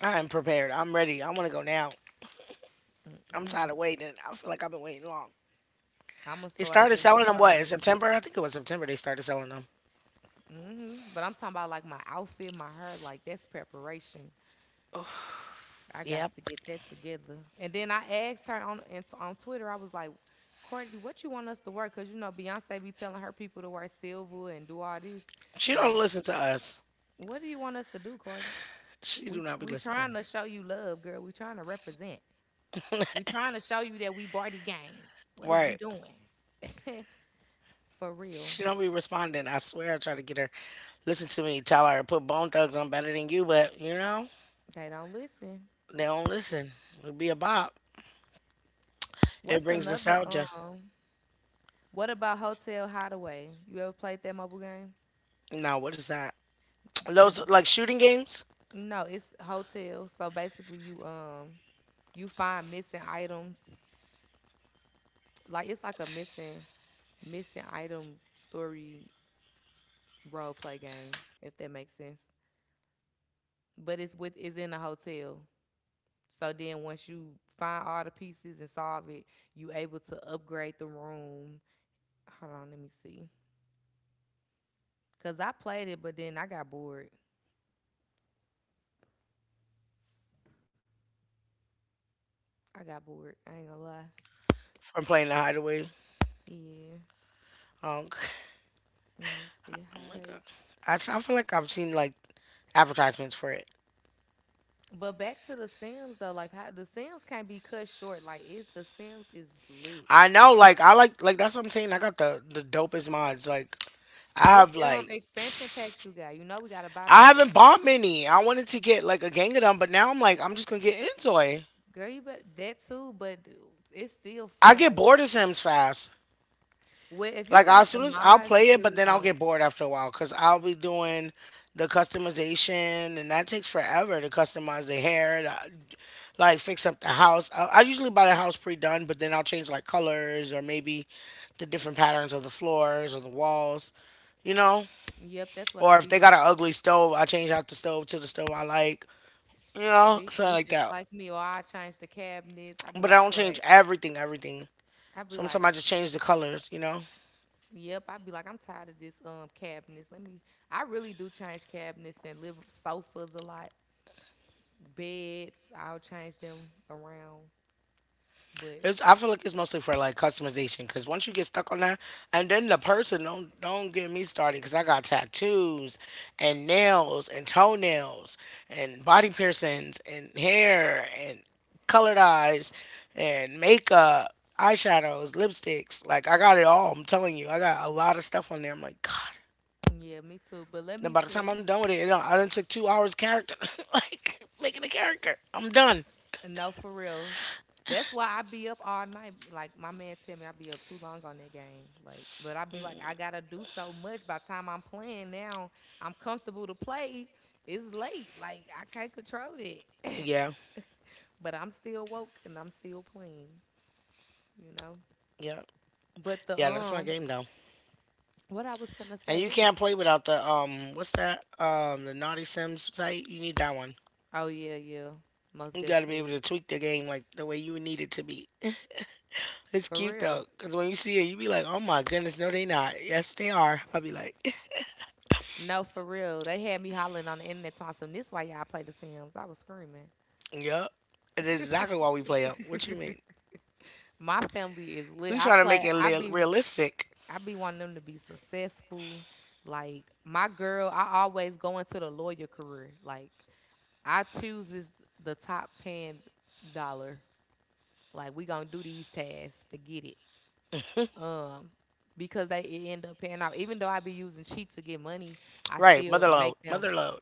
[SPEAKER 2] I am prepared. I'm ready. I want to go now. I'm tired
[SPEAKER 1] Mm-mm.
[SPEAKER 2] of waiting. I feel like I've been waiting long.
[SPEAKER 1] I'm gonna
[SPEAKER 2] They
[SPEAKER 1] start
[SPEAKER 2] started
[SPEAKER 1] getting
[SPEAKER 2] selling them
[SPEAKER 1] prepared
[SPEAKER 2] what in
[SPEAKER 1] and like,
[SPEAKER 2] September? I think it was September they started selling them.
[SPEAKER 1] mm-hmm. But I'm talking about like my outfit, my hair, like that's preparation. I got
[SPEAKER 2] Yep.
[SPEAKER 1] to get that together. And then I asked her on and so on Twitter. I was like, Courtney, what you want us to work? Cause you know Beyonce be telling her people to wear silver and do all this.
[SPEAKER 2] She
[SPEAKER 1] Like,
[SPEAKER 2] don't listen to us.
[SPEAKER 1] what do you want us to do, Courtney?
[SPEAKER 2] She do not be
[SPEAKER 1] We trying
[SPEAKER 2] listening.
[SPEAKER 1] to show you love, girl. We trying to represent. We trying to show you that we party gang. What is we
[SPEAKER 2] Right.
[SPEAKER 1] doing? *laughs* For real,
[SPEAKER 2] She don't be responding. I swear I try to get her listen to me, tell her put Bone Thugs on better than you, but you know
[SPEAKER 1] they don't listen.
[SPEAKER 2] they don't listen. It'd be a bop. It
[SPEAKER 1] What's
[SPEAKER 2] brings
[SPEAKER 1] another?
[SPEAKER 2] nostalgia.
[SPEAKER 1] What about Hotel Hideaway? You ever played that mobile game?
[SPEAKER 2] No, what is that? Those like shooting games
[SPEAKER 1] No, it's hotels. So basically, you you find missing items. Like, it's like a missing item story role play game, if that makes sense. But it's with, it's in a hotel. So then once you find all the pieces and solve it, you able to upgrade the room. Hold on, let me see. Cause I played it, but then I got bored. I got bored. I ain't gonna lie.
[SPEAKER 2] from playing the hideaway.
[SPEAKER 1] Yeah.
[SPEAKER 2] Um, *laughs*
[SPEAKER 1] Let me see. How.
[SPEAKER 2] my god. I feel like I've seen like advertisements for it.
[SPEAKER 1] But back to the Sims though, like how the Sims can't be cut short. Like, it's the Sims is lit.
[SPEAKER 2] I know, like I like that's what I'm saying. I got the dopest mods. Like I
[SPEAKER 1] Which
[SPEAKER 2] have like
[SPEAKER 1] expansion packs you got? You know we gotta buy
[SPEAKER 2] I
[SPEAKER 1] packs.
[SPEAKER 2] haven't bought many. I wanted to get like a gang of them, but now I'm like I'm just gonna get into it.
[SPEAKER 1] Girl, you bet that too, but d-, it's still
[SPEAKER 2] I
[SPEAKER 1] fun.
[SPEAKER 2] get
[SPEAKER 1] Like,
[SPEAKER 2] bored of Sims fast.
[SPEAKER 1] well, if you
[SPEAKER 2] Like
[SPEAKER 1] got
[SPEAKER 2] as
[SPEAKER 1] the
[SPEAKER 2] soon as I'll
[SPEAKER 1] mods,
[SPEAKER 2] play
[SPEAKER 1] you
[SPEAKER 2] it, but
[SPEAKER 1] really
[SPEAKER 2] then I'll
[SPEAKER 1] don't.
[SPEAKER 2] get bored after a while because I'll be doing the customization, and that takes forever to customize the hair, like fix up the house. I usually buy the house pre-done, but then I'll change like colors or maybe the different patterns of the floors or the walls, you know.
[SPEAKER 1] Yep, that's what I
[SPEAKER 2] Or if
[SPEAKER 1] be
[SPEAKER 2] they
[SPEAKER 1] doing
[SPEAKER 2] got an
[SPEAKER 1] too.
[SPEAKER 2] ugly stove, I change out the stove to the stove I like,
[SPEAKER 1] See,
[SPEAKER 2] something
[SPEAKER 1] you
[SPEAKER 2] like
[SPEAKER 1] just
[SPEAKER 2] that.
[SPEAKER 1] like me, or I change the cabinets. I be
[SPEAKER 2] But I
[SPEAKER 1] like,
[SPEAKER 2] don't
[SPEAKER 1] all right.
[SPEAKER 2] change everything, everything.
[SPEAKER 1] I be
[SPEAKER 2] Sometimes
[SPEAKER 1] like,
[SPEAKER 2] I just change the colors,
[SPEAKER 1] yep. I be like, I'm tired of this cabinets. Let me. I really do change cabinets and live sofas a lot. Beds. I'll change them around. But
[SPEAKER 2] I feel like it's mostly for like customization because once you get stuck on that, and then the person don't get me started because I got tattoos and nails and toenails and body piercings and hair and colored eyes and makeup, eyeshadows, lipsticks. Like I got it all. I'm telling you, I got a lot of stuff on there. I'm like, God.
[SPEAKER 1] yeah, me too. But let
[SPEAKER 2] Then
[SPEAKER 1] me
[SPEAKER 2] by the
[SPEAKER 1] tell
[SPEAKER 2] time I'm
[SPEAKER 1] you,
[SPEAKER 2] done with it, it done, I done took 2 hours character, *laughs* like making a character. I'm done.
[SPEAKER 1] no, for real. That's why I be up all night. Like, my man tell me, I be up too long on that game. Like, but I be like, I gotta do so much. By the time I'm playing now, I'm comfortable to play. It's late. Like, I can't control it. *laughs*
[SPEAKER 2] Yeah,
[SPEAKER 1] But I'm still woke and I'm still playing. You know.
[SPEAKER 2] yeah,
[SPEAKER 1] But the
[SPEAKER 2] yeah. That's my game though.
[SPEAKER 1] what I was finna
[SPEAKER 2] And
[SPEAKER 1] say,
[SPEAKER 2] you
[SPEAKER 1] it
[SPEAKER 2] can't
[SPEAKER 1] was.
[SPEAKER 2] play without the what's that? The Naughty Sims site. You need that one.
[SPEAKER 1] Oh yeah, yeah, most
[SPEAKER 2] You gotta be able
[SPEAKER 1] definitely,
[SPEAKER 2] to tweak the game like the way you need it to be. *laughs* It's
[SPEAKER 1] for
[SPEAKER 2] cute
[SPEAKER 1] real.
[SPEAKER 2] though, cause when you see it, you be like, "Oh my goodness, no, they not. Yes, they are." I'll be like, *laughs*
[SPEAKER 1] No, for real. They had me hollering on the internet talking some, this why y'all play The Sims. I was screaming.
[SPEAKER 2] "Yup." And that's exactly why we play them. What you mean?
[SPEAKER 1] *laughs* My family is lit.
[SPEAKER 2] We trying to make it
[SPEAKER 1] I be,
[SPEAKER 2] realistic,
[SPEAKER 1] I be wanting them to be successful. Like my girl, I always go into the lawyer career. Like I choose this the top paying dollar. Like, we gonna do these tasks. Forget it. Um because they, it end up paying off. Even though I be using cheat to get money, I
[SPEAKER 2] right?
[SPEAKER 1] still
[SPEAKER 2] Motherload,
[SPEAKER 1] make them.
[SPEAKER 2] motherload.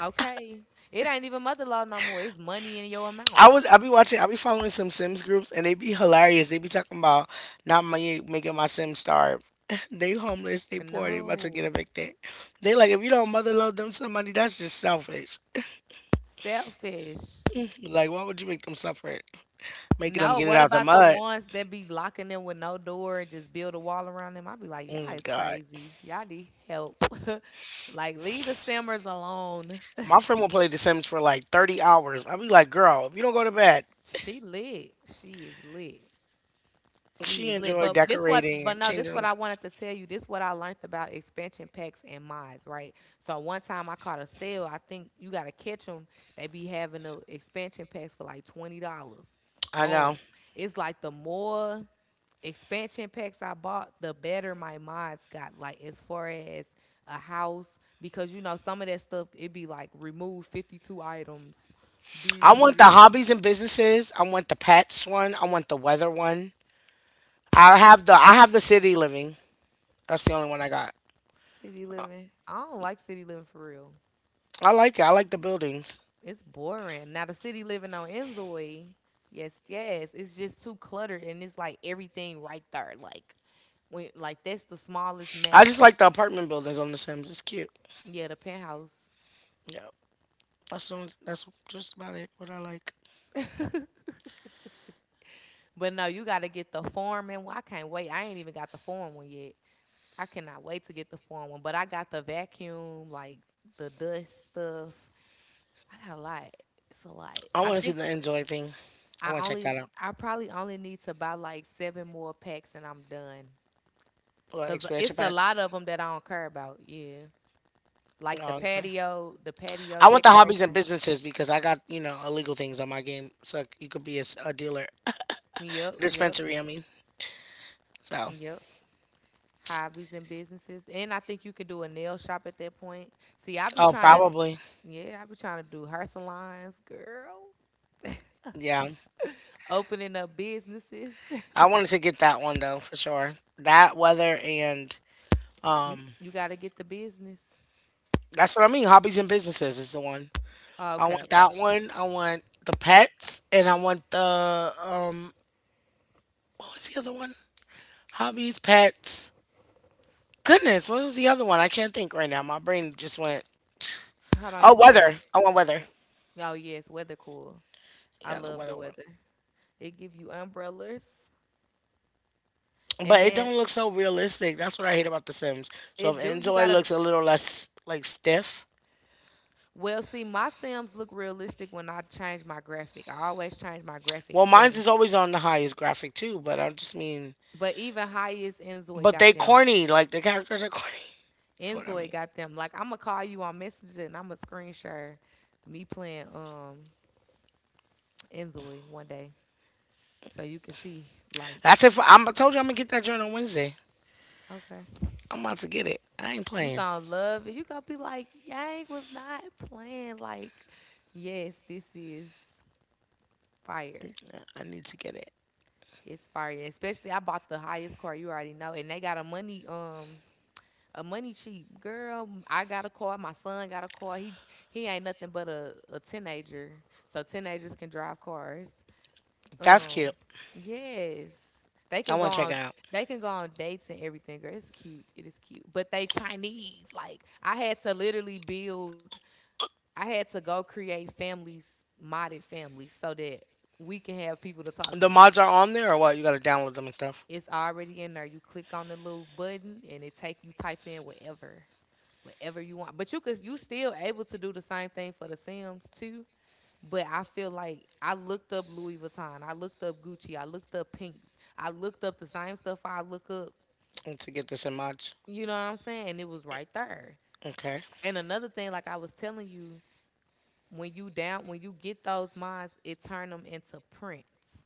[SPEAKER 1] Okay. It ain't even mother law no more. It's money in your amount.
[SPEAKER 2] I be watching, I be following some Sims groups and they be hilarious. They be talking about not my making my Sims starve. *laughs* They homeless, they poor, they about to get
[SPEAKER 1] No.
[SPEAKER 2] evicted. They like if you don't mother load them some money, that's just selfish.
[SPEAKER 1] Selfish.
[SPEAKER 2] Like why would you make them suffer? It? Making them
[SPEAKER 1] No,
[SPEAKER 2] get it
[SPEAKER 1] what
[SPEAKER 2] out the
[SPEAKER 1] about the
[SPEAKER 2] mud.
[SPEAKER 1] ones that be locking them with no door and just build a wall around them? I be like,
[SPEAKER 2] Oh
[SPEAKER 1] y'all
[SPEAKER 2] my
[SPEAKER 1] is
[SPEAKER 2] god.
[SPEAKER 1] crazy. Y'all need help. *laughs* Like, leave the simmers alone.
[SPEAKER 2] My friend will play The Sims for like 30 hours. I'll be like, girl, if you don't go to bed,
[SPEAKER 1] She lit. She is lit. She
[SPEAKER 2] she
[SPEAKER 1] is lit.
[SPEAKER 2] enjoyed
[SPEAKER 1] But this what,
[SPEAKER 2] decorating
[SPEAKER 1] but
[SPEAKER 2] and
[SPEAKER 1] no, this what
[SPEAKER 2] changing.
[SPEAKER 1] I wanted to tell you. This what I learned about expansion packs and mods, right? So one time I caught a sale. I think you gotta catch them. They be having the expansion packs for like $20.
[SPEAKER 2] I know.
[SPEAKER 1] Boom. It's like the more expansion packs I bought, the better my mods got. Like, as far as a house, because you know some of that stuff it be like remove 52 items. Do
[SPEAKER 2] I
[SPEAKER 1] do do
[SPEAKER 2] want the
[SPEAKER 1] do.
[SPEAKER 2] hobbies and businesses. I want the pets one. I want the weather one. I have the city living. That's the only one I got.
[SPEAKER 1] City living. I don't like city living for real.
[SPEAKER 2] I like it. I like the buildings.
[SPEAKER 1] It's boring. Now the city living on Enzoy, yes, yes, it's just too cluttered and it's like everything right there. Like when, like that's the smallest
[SPEAKER 2] I
[SPEAKER 1] map.
[SPEAKER 2] just like the apartment buildings on The Sims. It's cute.
[SPEAKER 1] Yeah, the penthouse.
[SPEAKER 2] Yeah, that's just about it. What I like.
[SPEAKER 1] *laughs* But no, you gotta get the foreman one. I can't wait. I ain't even got the foreman one yet. I cannot wait to get the foreman one. But I got the vacuum, like the dust stuff. I got a lot. It's a lot.
[SPEAKER 2] I want to see the enjoy thing. I
[SPEAKER 1] I
[SPEAKER 2] want to check
[SPEAKER 1] only
[SPEAKER 2] that out.
[SPEAKER 1] I probably only need to buy like seven more packs and I'm done.
[SPEAKER 2] What
[SPEAKER 1] Cause
[SPEAKER 2] expansion
[SPEAKER 1] it's a
[SPEAKER 2] packs?
[SPEAKER 1] lot of them that I don't care about. Yeah, like
[SPEAKER 2] Oh, okay.
[SPEAKER 1] the patio
[SPEAKER 2] I want the hobbies and
[SPEAKER 1] decoration.
[SPEAKER 2] businesses because I got you know illegal things on my game, so you could be a, a dealer,
[SPEAKER 1] Yep, yep,
[SPEAKER 2] dispensary. I mean, so
[SPEAKER 1] yep. Hobbies and businesses, and I think you could do a nail shop at that point. See, I be
[SPEAKER 2] oh
[SPEAKER 1] trying to,
[SPEAKER 2] probably
[SPEAKER 1] yeah, I be trying to do hair salons, girl. *laughs*
[SPEAKER 2] yeah.
[SPEAKER 1] Opening up businesses.
[SPEAKER 2] I wanted to get that one though for sure. That weather and
[SPEAKER 1] *laughs* you
[SPEAKER 2] um.
[SPEAKER 1] you got to get the business.
[SPEAKER 2] That's what I mean. Hobbies and businesses is the one.
[SPEAKER 1] Oh,
[SPEAKER 2] I
[SPEAKER 1] okay,
[SPEAKER 2] want
[SPEAKER 1] okay.
[SPEAKER 2] that one. I want the pets, and I want the What was the other one? Hobbies, pets. Goodness, what was the other one? I can't think right now. My brain just went.
[SPEAKER 1] Hold on, you
[SPEAKER 2] Oh,
[SPEAKER 1] said,
[SPEAKER 2] weather. I want
[SPEAKER 1] w-,
[SPEAKER 2] weather.
[SPEAKER 1] oh yes, weather cool. I
[SPEAKER 2] Yeah, the
[SPEAKER 1] love the
[SPEAKER 2] weather one.
[SPEAKER 1] weather. It give you umbrellas, and
[SPEAKER 2] But it
[SPEAKER 1] then
[SPEAKER 2] don't look so realistic. That's what I hate about The Sims. So
[SPEAKER 1] it
[SPEAKER 2] if
[SPEAKER 1] do. You
[SPEAKER 2] Enjoy
[SPEAKER 1] gotta.
[SPEAKER 2] looks a little less like stiff.
[SPEAKER 1] Well, see, my Sims look realistic when I change my graphic. I always change my graphic
[SPEAKER 2] Well, mine's
[SPEAKER 1] settings.
[SPEAKER 2] is always on the highest graphic too. But I just mean,
[SPEAKER 1] But even highest Enzoy
[SPEAKER 2] but
[SPEAKER 1] got
[SPEAKER 2] they
[SPEAKER 1] them.
[SPEAKER 2] corny. Like the characters are corny. *laughs* That's what I
[SPEAKER 1] Enzoy
[SPEAKER 2] mean.
[SPEAKER 1] got them. Like I'ma call you on Messenger and I'ma screen share me playing Enzoy one day. So you can see like,
[SPEAKER 2] I said, I told you I'm gonna get that joint on Wednesday.
[SPEAKER 1] okay.
[SPEAKER 2] I'm about to get it. I ain't
[SPEAKER 1] You
[SPEAKER 2] playing.
[SPEAKER 1] gonna love it. You gonna be like, Yang was not playing. Like, yes, this is fire.
[SPEAKER 2] I need to get it.
[SPEAKER 1] It's fire. Especially I bought the highest car, you already know. And they got a money a money cheap girl. I got a car. My son got a car. He ain't nothing but a teenager. So teenagers can drive cars.
[SPEAKER 2] That's
[SPEAKER 1] Um,
[SPEAKER 2] cute.
[SPEAKER 1] yes, they
[SPEAKER 2] I
[SPEAKER 1] can go
[SPEAKER 2] want to check it
[SPEAKER 1] on.
[SPEAKER 2] out.
[SPEAKER 1] They can go on dates and everything. Girl, it's cute. It is cute. But they Chinese. Like I had to literally build. I had to go create families, modded families, so that we can have people to talk
[SPEAKER 2] The
[SPEAKER 1] to.
[SPEAKER 2] mods are on there or what? You gotta download them and stuff.
[SPEAKER 1] It's already in there. You click on the little button and it take you type in whatever you want. But you still able to do the same thing for the Sims too. But I feel like I looked up Louis Vuitton, I looked up Gucci, I looked up Pink, I looked up the same stuff I look up.
[SPEAKER 2] I need to get this in mods.
[SPEAKER 1] You know what I'm saying? It was right there.
[SPEAKER 2] Okay.
[SPEAKER 1] And another thing, like I was telling you, when you get those minds, it turn them into prints.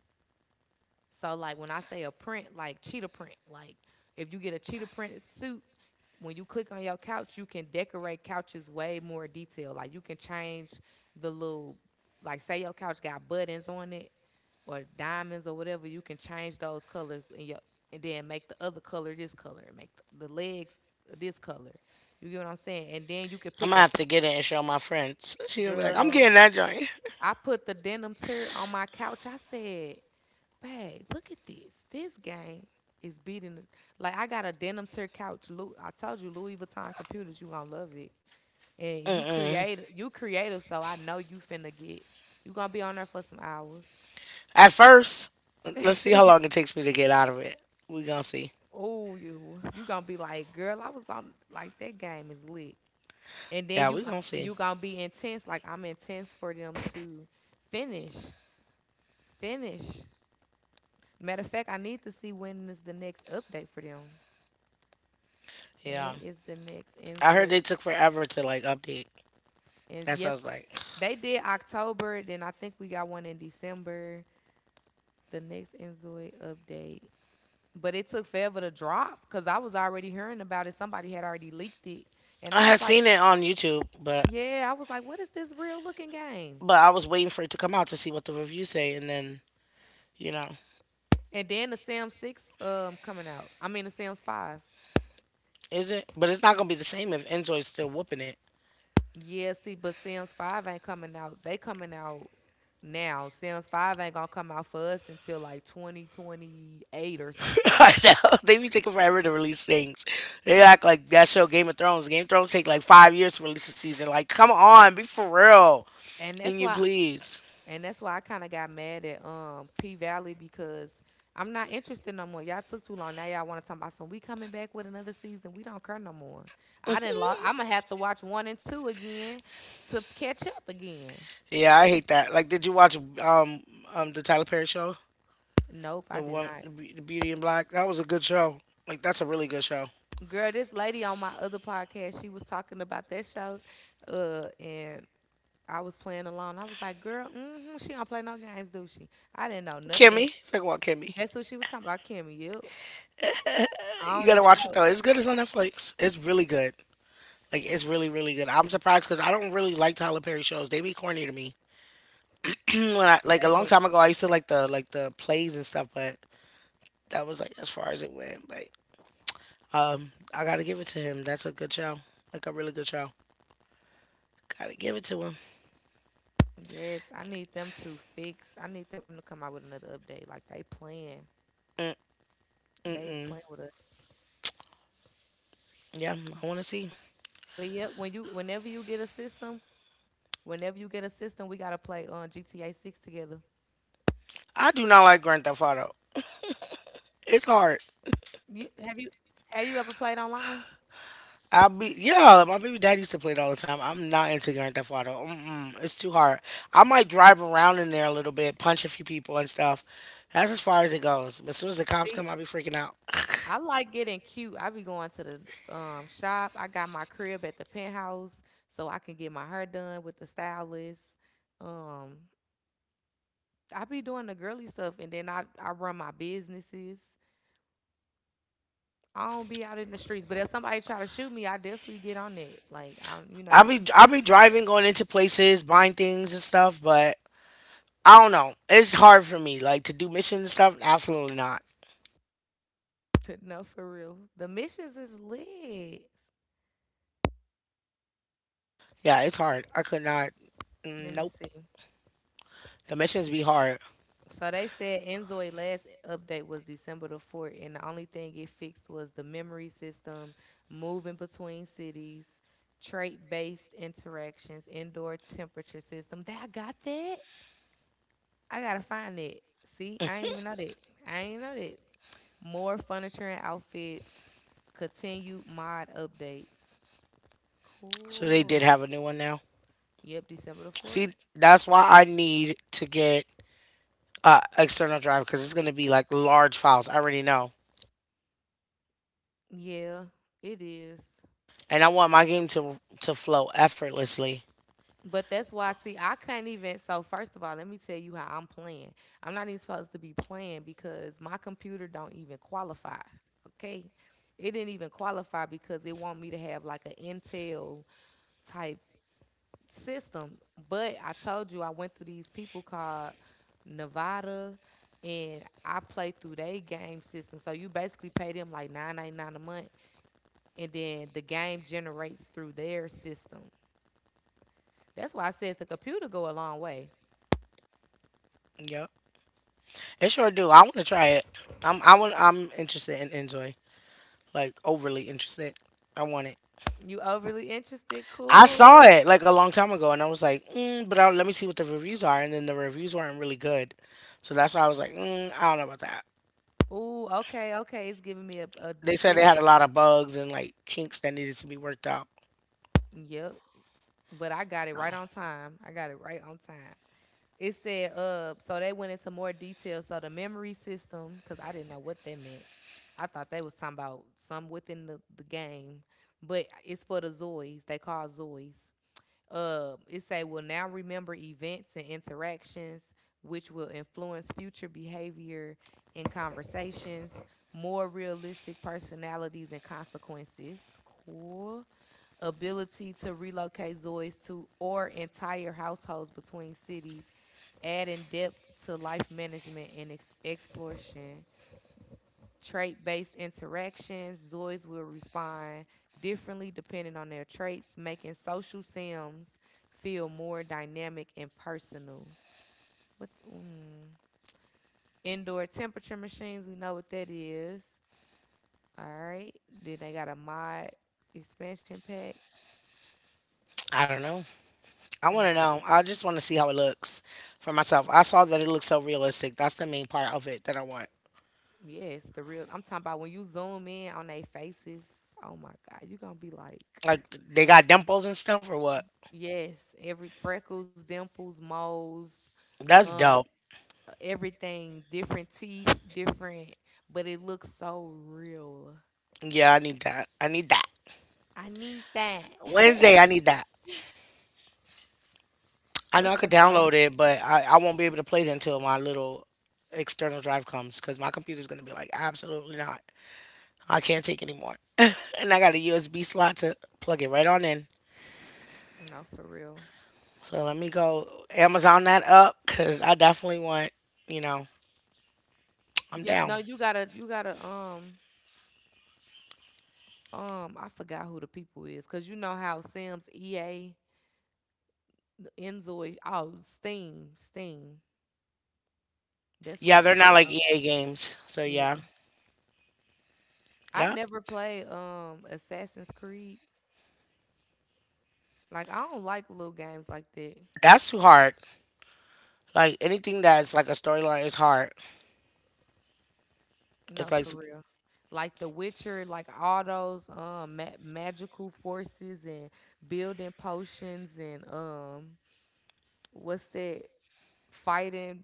[SPEAKER 1] So like when I say a print, like cheetah print, like if you get a cheetah printed suit, when you click on your couch, you can decorate couches way more detailed. Like you can change the little, like say your couch got buttons on it or diamonds or whatever, you can change those colors in your, and then make the other color this color, make the legs this color. You get what I'm saying? And then you could
[SPEAKER 2] I'm
[SPEAKER 1] pick
[SPEAKER 2] gonna
[SPEAKER 1] a
[SPEAKER 2] have to get it and show my friends. She gonna be like, I'm
[SPEAKER 1] girl.
[SPEAKER 2] getting that joint.
[SPEAKER 1] I put the denim tear on my couch. I said, babe, look at this. This game is beating the, like I got a denim tear couch. I told you Louis Vuitton computers, you gonna love it. And
[SPEAKER 2] Mm-mm.
[SPEAKER 1] you creative, so I know you finna get. You gonna be on there for some hours.
[SPEAKER 2] At first, let's see how
[SPEAKER 1] *laughs*
[SPEAKER 2] long it takes me to get out of it. We gonna see.
[SPEAKER 1] Oh, you gonna be like, girl, I was on like that game is lit. And
[SPEAKER 2] Yeah,
[SPEAKER 1] then
[SPEAKER 2] we
[SPEAKER 1] you
[SPEAKER 2] gonna see.
[SPEAKER 1] you gonna be intense, like I'm intense for them to finish, finish. Matter of fact, I need to see when is the next update for them.
[SPEAKER 2] Yeah.
[SPEAKER 1] When is the next
[SPEAKER 2] I heard
[SPEAKER 1] Enzoid?
[SPEAKER 2] they took forever to like update.
[SPEAKER 1] And
[SPEAKER 2] That's what I
[SPEAKER 1] yep,
[SPEAKER 2] was like.
[SPEAKER 1] they did October. Then I think we got one in December. The next Enzoid update. But it took forever to drop because I was already hearing about it. Somebody had already leaked it. And
[SPEAKER 2] I
[SPEAKER 1] I was
[SPEAKER 2] had
[SPEAKER 1] like,
[SPEAKER 2] seen it on YouTube,
[SPEAKER 1] yeah, I was like, what is this real looking game?
[SPEAKER 2] but I was waiting for it to come out to see what the reviews say, and then you know,
[SPEAKER 1] And then the Sam 6 coming out. I mean the Sam's 5.
[SPEAKER 2] is it? But it's not gonna be the same if Enzoy's still whooping it.
[SPEAKER 1] Yeah, see, but Sims Five ain't coming out. They coming out now. Sims Five ain't gonna come out for us until like 2028 or
[SPEAKER 2] *laughs*
[SPEAKER 1] something.
[SPEAKER 2] I know they be taking forever to release things. They act like that show Game of Thrones. Game of Thrones take like 5 years to release a season. Like, come on, be for real.
[SPEAKER 1] And that's
[SPEAKER 2] Can you
[SPEAKER 1] why
[SPEAKER 2] please?
[SPEAKER 1] and that's why I kinda got mad at P Valley because I'm not interested no more. Y'all took too long. Now y'all wanna talk about some we coming back with another season. We don't care no more. I didn't lo- I'ma have to watch one and two again to catch up again.
[SPEAKER 2] Yeah, I hate that. Like, did you watch um the Tyler Perry show,
[SPEAKER 1] Nope, I
[SPEAKER 2] the
[SPEAKER 1] did
[SPEAKER 2] one,
[SPEAKER 1] not.
[SPEAKER 2] the the Beauty and Black? That was a good show. Like, that's a really good show.
[SPEAKER 1] Girl, this lady on my other podcast, she was talking about that show. And I was playing alone. I was like, girl, she don't play no games, do she? I didn't know nothing.
[SPEAKER 2] Kimmy, it's like what Kimmy?
[SPEAKER 1] That's what she was talking about, Kim. You, I
[SPEAKER 2] You
[SPEAKER 1] don't
[SPEAKER 2] gotta
[SPEAKER 1] even
[SPEAKER 2] watch it
[SPEAKER 1] know.
[SPEAKER 2] though. It's good. It's on Netflix. It's really good. Like, it's really really good. I'm surprised because I don't really like Tyler Perry shows. They be corny to me. When I like a
[SPEAKER 1] They
[SPEAKER 2] long
[SPEAKER 1] do.
[SPEAKER 2] time ago, I used to like the plays and stuff, but that was like as far as it went. But I gotta give it to him. That's a good show, like a really good show. Gotta give it to him.
[SPEAKER 1] Yes, I need them to fix. I need them to come out with another update. Like they playing,
[SPEAKER 2] Mm mm mm.
[SPEAKER 1] they is playing with us.
[SPEAKER 2] Yeah, I want to see.
[SPEAKER 1] But yep, whenever you get a system, whenever you get a system, we gotta play on GTA Six together.
[SPEAKER 2] I do not like Grand Theft Auto. It's hard.
[SPEAKER 1] You, have you, have you ever played online?
[SPEAKER 2] I'll be yeah. My baby dad used to play it all the time. I'm not into Grand Theft Auto. Mm-mm, it's too hard. I might drive around in there a little bit, punch a few people and stuff. That's as far as it goes. But as soon as the cops come,
[SPEAKER 1] See,
[SPEAKER 2] I'll be freaking out. *laughs*
[SPEAKER 1] I like getting cute. I be going to the shop. I got my crib at the penthouse, so I can get my hair done with the stylist. Um, I be doing the girly stuff, and then I run my businesses. I don't be out in the streets, but if somebody try to shoot me, I definitely get on it. Like I, you know,
[SPEAKER 2] I'll be driving, going into places, buying things and stuff, but I don't know. It's hard for me, like to do missions and stuff. Absolutely not.
[SPEAKER 1] *laughs* no for real. The missions is lit.
[SPEAKER 2] Yeah, it's hard. I could not. Mm,
[SPEAKER 1] Let me
[SPEAKER 2] nope.
[SPEAKER 1] see.
[SPEAKER 2] The missions be hard.
[SPEAKER 1] So they said Enzoy last update was December the 4th, and the only thing it fixed was the memory system, moving between cities, trait based interactions, indoor temperature system. That I got that. I gotta find it. See, I ain't even know that. I ain't know that. More furniture and outfits. Continued mod updates.
[SPEAKER 2] So they did
[SPEAKER 1] Cool.
[SPEAKER 2] have a new one now.
[SPEAKER 1] Yep, December the
[SPEAKER 2] See,
[SPEAKER 1] fourth.
[SPEAKER 2] that's why I need to get external drive because it's gonna be like large files. I already know,
[SPEAKER 1] Yeah, it is.
[SPEAKER 2] and I want my game to flow effortlessly.
[SPEAKER 1] But that's why, see, I couldn't even. So first of all, let me tell you how I'm playing. I'm not even supposed to be playing because my computer don't even qualify. Okay, it didn't even qualify because it want me to have like an Intel type system. But I told you I went through these people called Nevada, and I play through their game system. So you basically pay them like 9.99 a month, and then the game generates through their system. That's why I said the computer go a long way.
[SPEAKER 2] Yep, it sure do. I want to try it. I'm I want I'm interested in enjoy like overly interested. I want it.
[SPEAKER 1] You overly interested?
[SPEAKER 2] I saw
[SPEAKER 1] Cool.
[SPEAKER 2] it like a long time ago, and I was like, mm, but I let me see what the reviews are. And then the reviews weren't really good, so that's why I was like, mm, I don't know about that.
[SPEAKER 1] Ooh, okay, okay. It's giving me a
[SPEAKER 2] They said they
[SPEAKER 1] deeper.
[SPEAKER 2] had a lot of bugs and like kinks that needed to be worked out.
[SPEAKER 1] Yep. But I got it
[SPEAKER 2] So
[SPEAKER 1] right on time. I got it right on time. It said, so they went into more detail. So the memory system, because I didn't know what that meant. I thought they was talking about some within the game, but it's for the Zoids. They call Zoids. It say will now remember events and interactions which will influence future behavior in conversations, more realistic personalities and consequences. Cool. Ability to relocate Zoys to or entire households between cities, adding depth to life management and exploration trait based interactions, Zoids will respond differently depending on their traits, making social sims feel more dynamic and personal. What mm, indoor temperature machines? We know what that is. All right. Then they got a mod expansion pack.
[SPEAKER 2] I don't know. I want to
[SPEAKER 1] Mm,
[SPEAKER 2] know. I just want to see how it looks for myself. I saw that it looks so realistic. That's the main part of it that I want.
[SPEAKER 1] yes, the real. I'm talking about when you zoom in on their faces. Oh my God, you gonna be like, *laughs*
[SPEAKER 2] Like they got dimples and stuff or what?
[SPEAKER 1] yes, every freckles, dimples, moles
[SPEAKER 2] That's
[SPEAKER 1] Um.
[SPEAKER 2] dope.
[SPEAKER 1] everything different teeth, but it looks so real.
[SPEAKER 2] Yeah, I need that. I need that.
[SPEAKER 1] I need that. *laughs*
[SPEAKER 2] Wednesday, I need that. I know I
[SPEAKER 1] What's
[SPEAKER 2] could
[SPEAKER 1] some more?
[SPEAKER 2] download it, but I won't be able to play it until my little external drive comes because my computer's gonna be like, absolutely not. I can't take anymore. *laughs* And I got a USB slot to plug it right on in.
[SPEAKER 1] No, for real.
[SPEAKER 2] So let me go Amazon that up because I definitely want, you know, I'm
[SPEAKER 1] Yep.
[SPEAKER 2] down.
[SPEAKER 1] No, you gotta. I forgot who the people is, cause you know how Sims, EA, Enzoy, oh, Steam. That's where
[SPEAKER 2] Yeah, they're
[SPEAKER 1] you
[SPEAKER 2] not
[SPEAKER 1] get.
[SPEAKER 2] like
[SPEAKER 1] Oh,
[SPEAKER 2] EA games. So yeah,
[SPEAKER 1] yeah. I
[SPEAKER 2] yeah,
[SPEAKER 1] never play Assassin's Creed. Like I don't like little games like that.
[SPEAKER 2] that's too hard. Like anything that's like a storyline is hard.
[SPEAKER 1] No,
[SPEAKER 2] It's like,
[SPEAKER 1] for real. Like The Witcher, like all those magical forces and building potions and what's that fighting?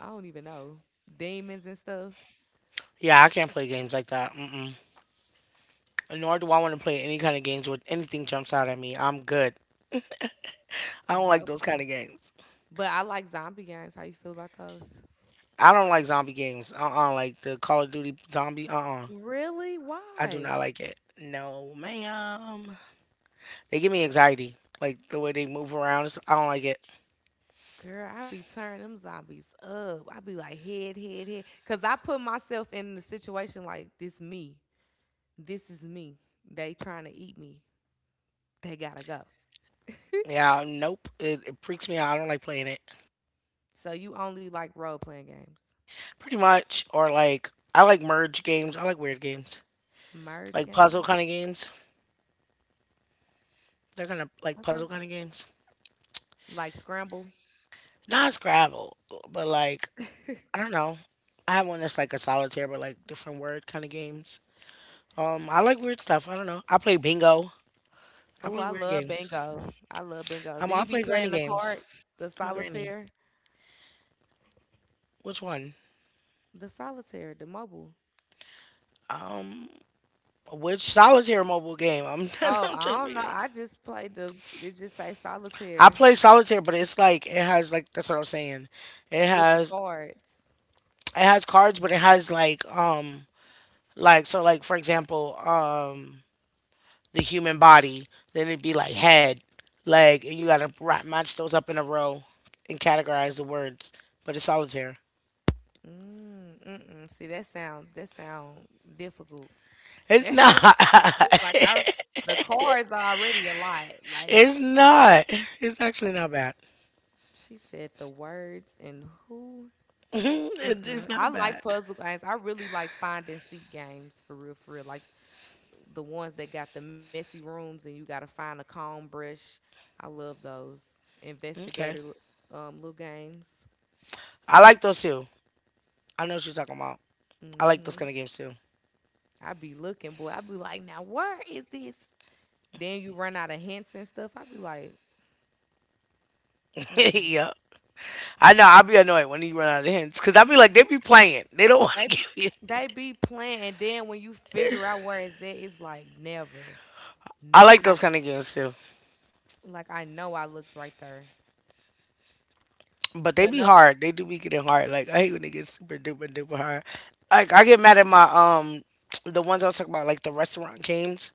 [SPEAKER 1] I don't even know demons and stuff.
[SPEAKER 2] yeah, I can't play games like that. Mm-mm. Nor do I want to play any kind of games where anything jumps out at me. I'm good. I
[SPEAKER 1] There's
[SPEAKER 2] don't
[SPEAKER 1] no
[SPEAKER 2] like those
[SPEAKER 1] for
[SPEAKER 2] kind
[SPEAKER 1] real.
[SPEAKER 2] of games.
[SPEAKER 1] But I like zombie games. How you feel about those?
[SPEAKER 2] I don't like zombie games. Like the Call of Duty zombie.
[SPEAKER 1] Really?
[SPEAKER 2] I do
[SPEAKER 1] Why?
[SPEAKER 2] not like it. No, ma'am. They give me anxiety. Like the way they move around. And stuff. I don't like it.
[SPEAKER 1] Girl, I be turning them zombies up. I be like head, head, head. Cause I put myself in the situation like this me. This is me. They trying to eat me. They gotta go.
[SPEAKER 2] Yeah, nope. It freaks me out. I don't like playing it.
[SPEAKER 1] So you only like role playing games,
[SPEAKER 2] Pretty much. Or like, I like merge games. I like weird games.
[SPEAKER 1] merge
[SPEAKER 2] Like puzzle
[SPEAKER 1] games.
[SPEAKER 2] kind of games. They're kind of like
[SPEAKER 1] Okay,
[SPEAKER 2] puzzle kind of games.
[SPEAKER 1] like Scramble.
[SPEAKER 2] Not Scrabble, but like, I
[SPEAKER 1] *laughs*
[SPEAKER 2] don't know. I have one that's like a solitaire, but like different word kind of games. I like weird stuff. I don't know. I play bingo. I
[SPEAKER 1] Oh,
[SPEAKER 2] play
[SPEAKER 1] I
[SPEAKER 2] weird
[SPEAKER 1] love
[SPEAKER 2] games.
[SPEAKER 1] bingo. I love bingo. Do
[SPEAKER 2] I
[SPEAKER 1] you be
[SPEAKER 2] play granny
[SPEAKER 1] playing the
[SPEAKER 2] games.
[SPEAKER 1] card, the
[SPEAKER 2] I'm a granny.
[SPEAKER 1] solitaire,
[SPEAKER 2] Which one?
[SPEAKER 1] the solitaire, the mobile?
[SPEAKER 2] Um, which solitaire mobile game? I'm *laughs* that's
[SPEAKER 1] Oh,
[SPEAKER 2] what I'm trying
[SPEAKER 1] I
[SPEAKER 2] to
[SPEAKER 1] don't know.
[SPEAKER 2] figure out.
[SPEAKER 1] I just played the. It just say
[SPEAKER 2] I
[SPEAKER 1] solitaire
[SPEAKER 2] play solitaire, but it's like it has like that's what I'm saying. It
[SPEAKER 1] with the
[SPEAKER 2] has
[SPEAKER 1] cards.
[SPEAKER 2] it has cards, but it has like so like for example the human body. Then it'd be like head, leg, and you gotta match those up in a row and categorize the words. But it's solitaire.
[SPEAKER 1] Mm, mm-mm. See that sound? That sound difficult. *laughs*
[SPEAKER 2] It's
[SPEAKER 1] it's
[SPEAKER 2] not. *laughs*
[SPEAKER 1] like I the cards are already a lot. Like
[SPEAKER 2] It's not. It's actually not bad.
[SPEAKER 1] she said, the words and who
[SPEAKER 2] *laughs* Mhm,
[SPEAKER 1] Mm-mm.
[SPEAKER 2] it's
[SPEAKER 1] I
[SPEAKER 2] not
[SPEAKER 1] like
[SPEAKER 2] bad.
[SPEAKER 1] puzzle games. I really like find and seek games for real, for real. Like the ones that got the messy rooms and you got to find a comb brush. I love those investigator
[SPEAKER 2] Okay.
[SPEAKER 1] little games.
[SPEAKER 2] I like those too. I know what you're talking about. I
[SPEAKER 1] Mm
[SPEAKER 2] like those
[SPEAKER 1] hmm
[SPEAKER 2] kind of games too.
[SPEAKER 1] I be looking, boy. I be like, now where is this? Then you run out of hints and stuff. I be like,
[SPEAKER 2] *laughs*
[SPEAKER 1] mm-mm.
[SPEAKER 2] Yeah. I know. I'll be annoyed when you run out of hints because I'll be like, they be playing. They don't *laughs* want
[SPEAKER 1] They
[SPEAKER 2] to
[SPEAKER 1] be,
[SPEAKER 2] give you.
[SPEAKER 1] they be playing, and then when you figure out where it's at, it's like never.
[SPEAKER 2] *laughs* I like
[SPEAKER 1] I
[SPEAKER 2] those kind of games too.
[SPEAKER 1] like I know I looked right there,
[SPEAKER 2] But they
[SPEAKER 1] but
[SPEAKER 2] be
[SPEAKER 1] nope.
[SPEAKER 2] hard. They do be getting hard. Like, I hate when they get super duper duper hard. Like, I get mad at my, the ones I was talking about, like the restaurant games.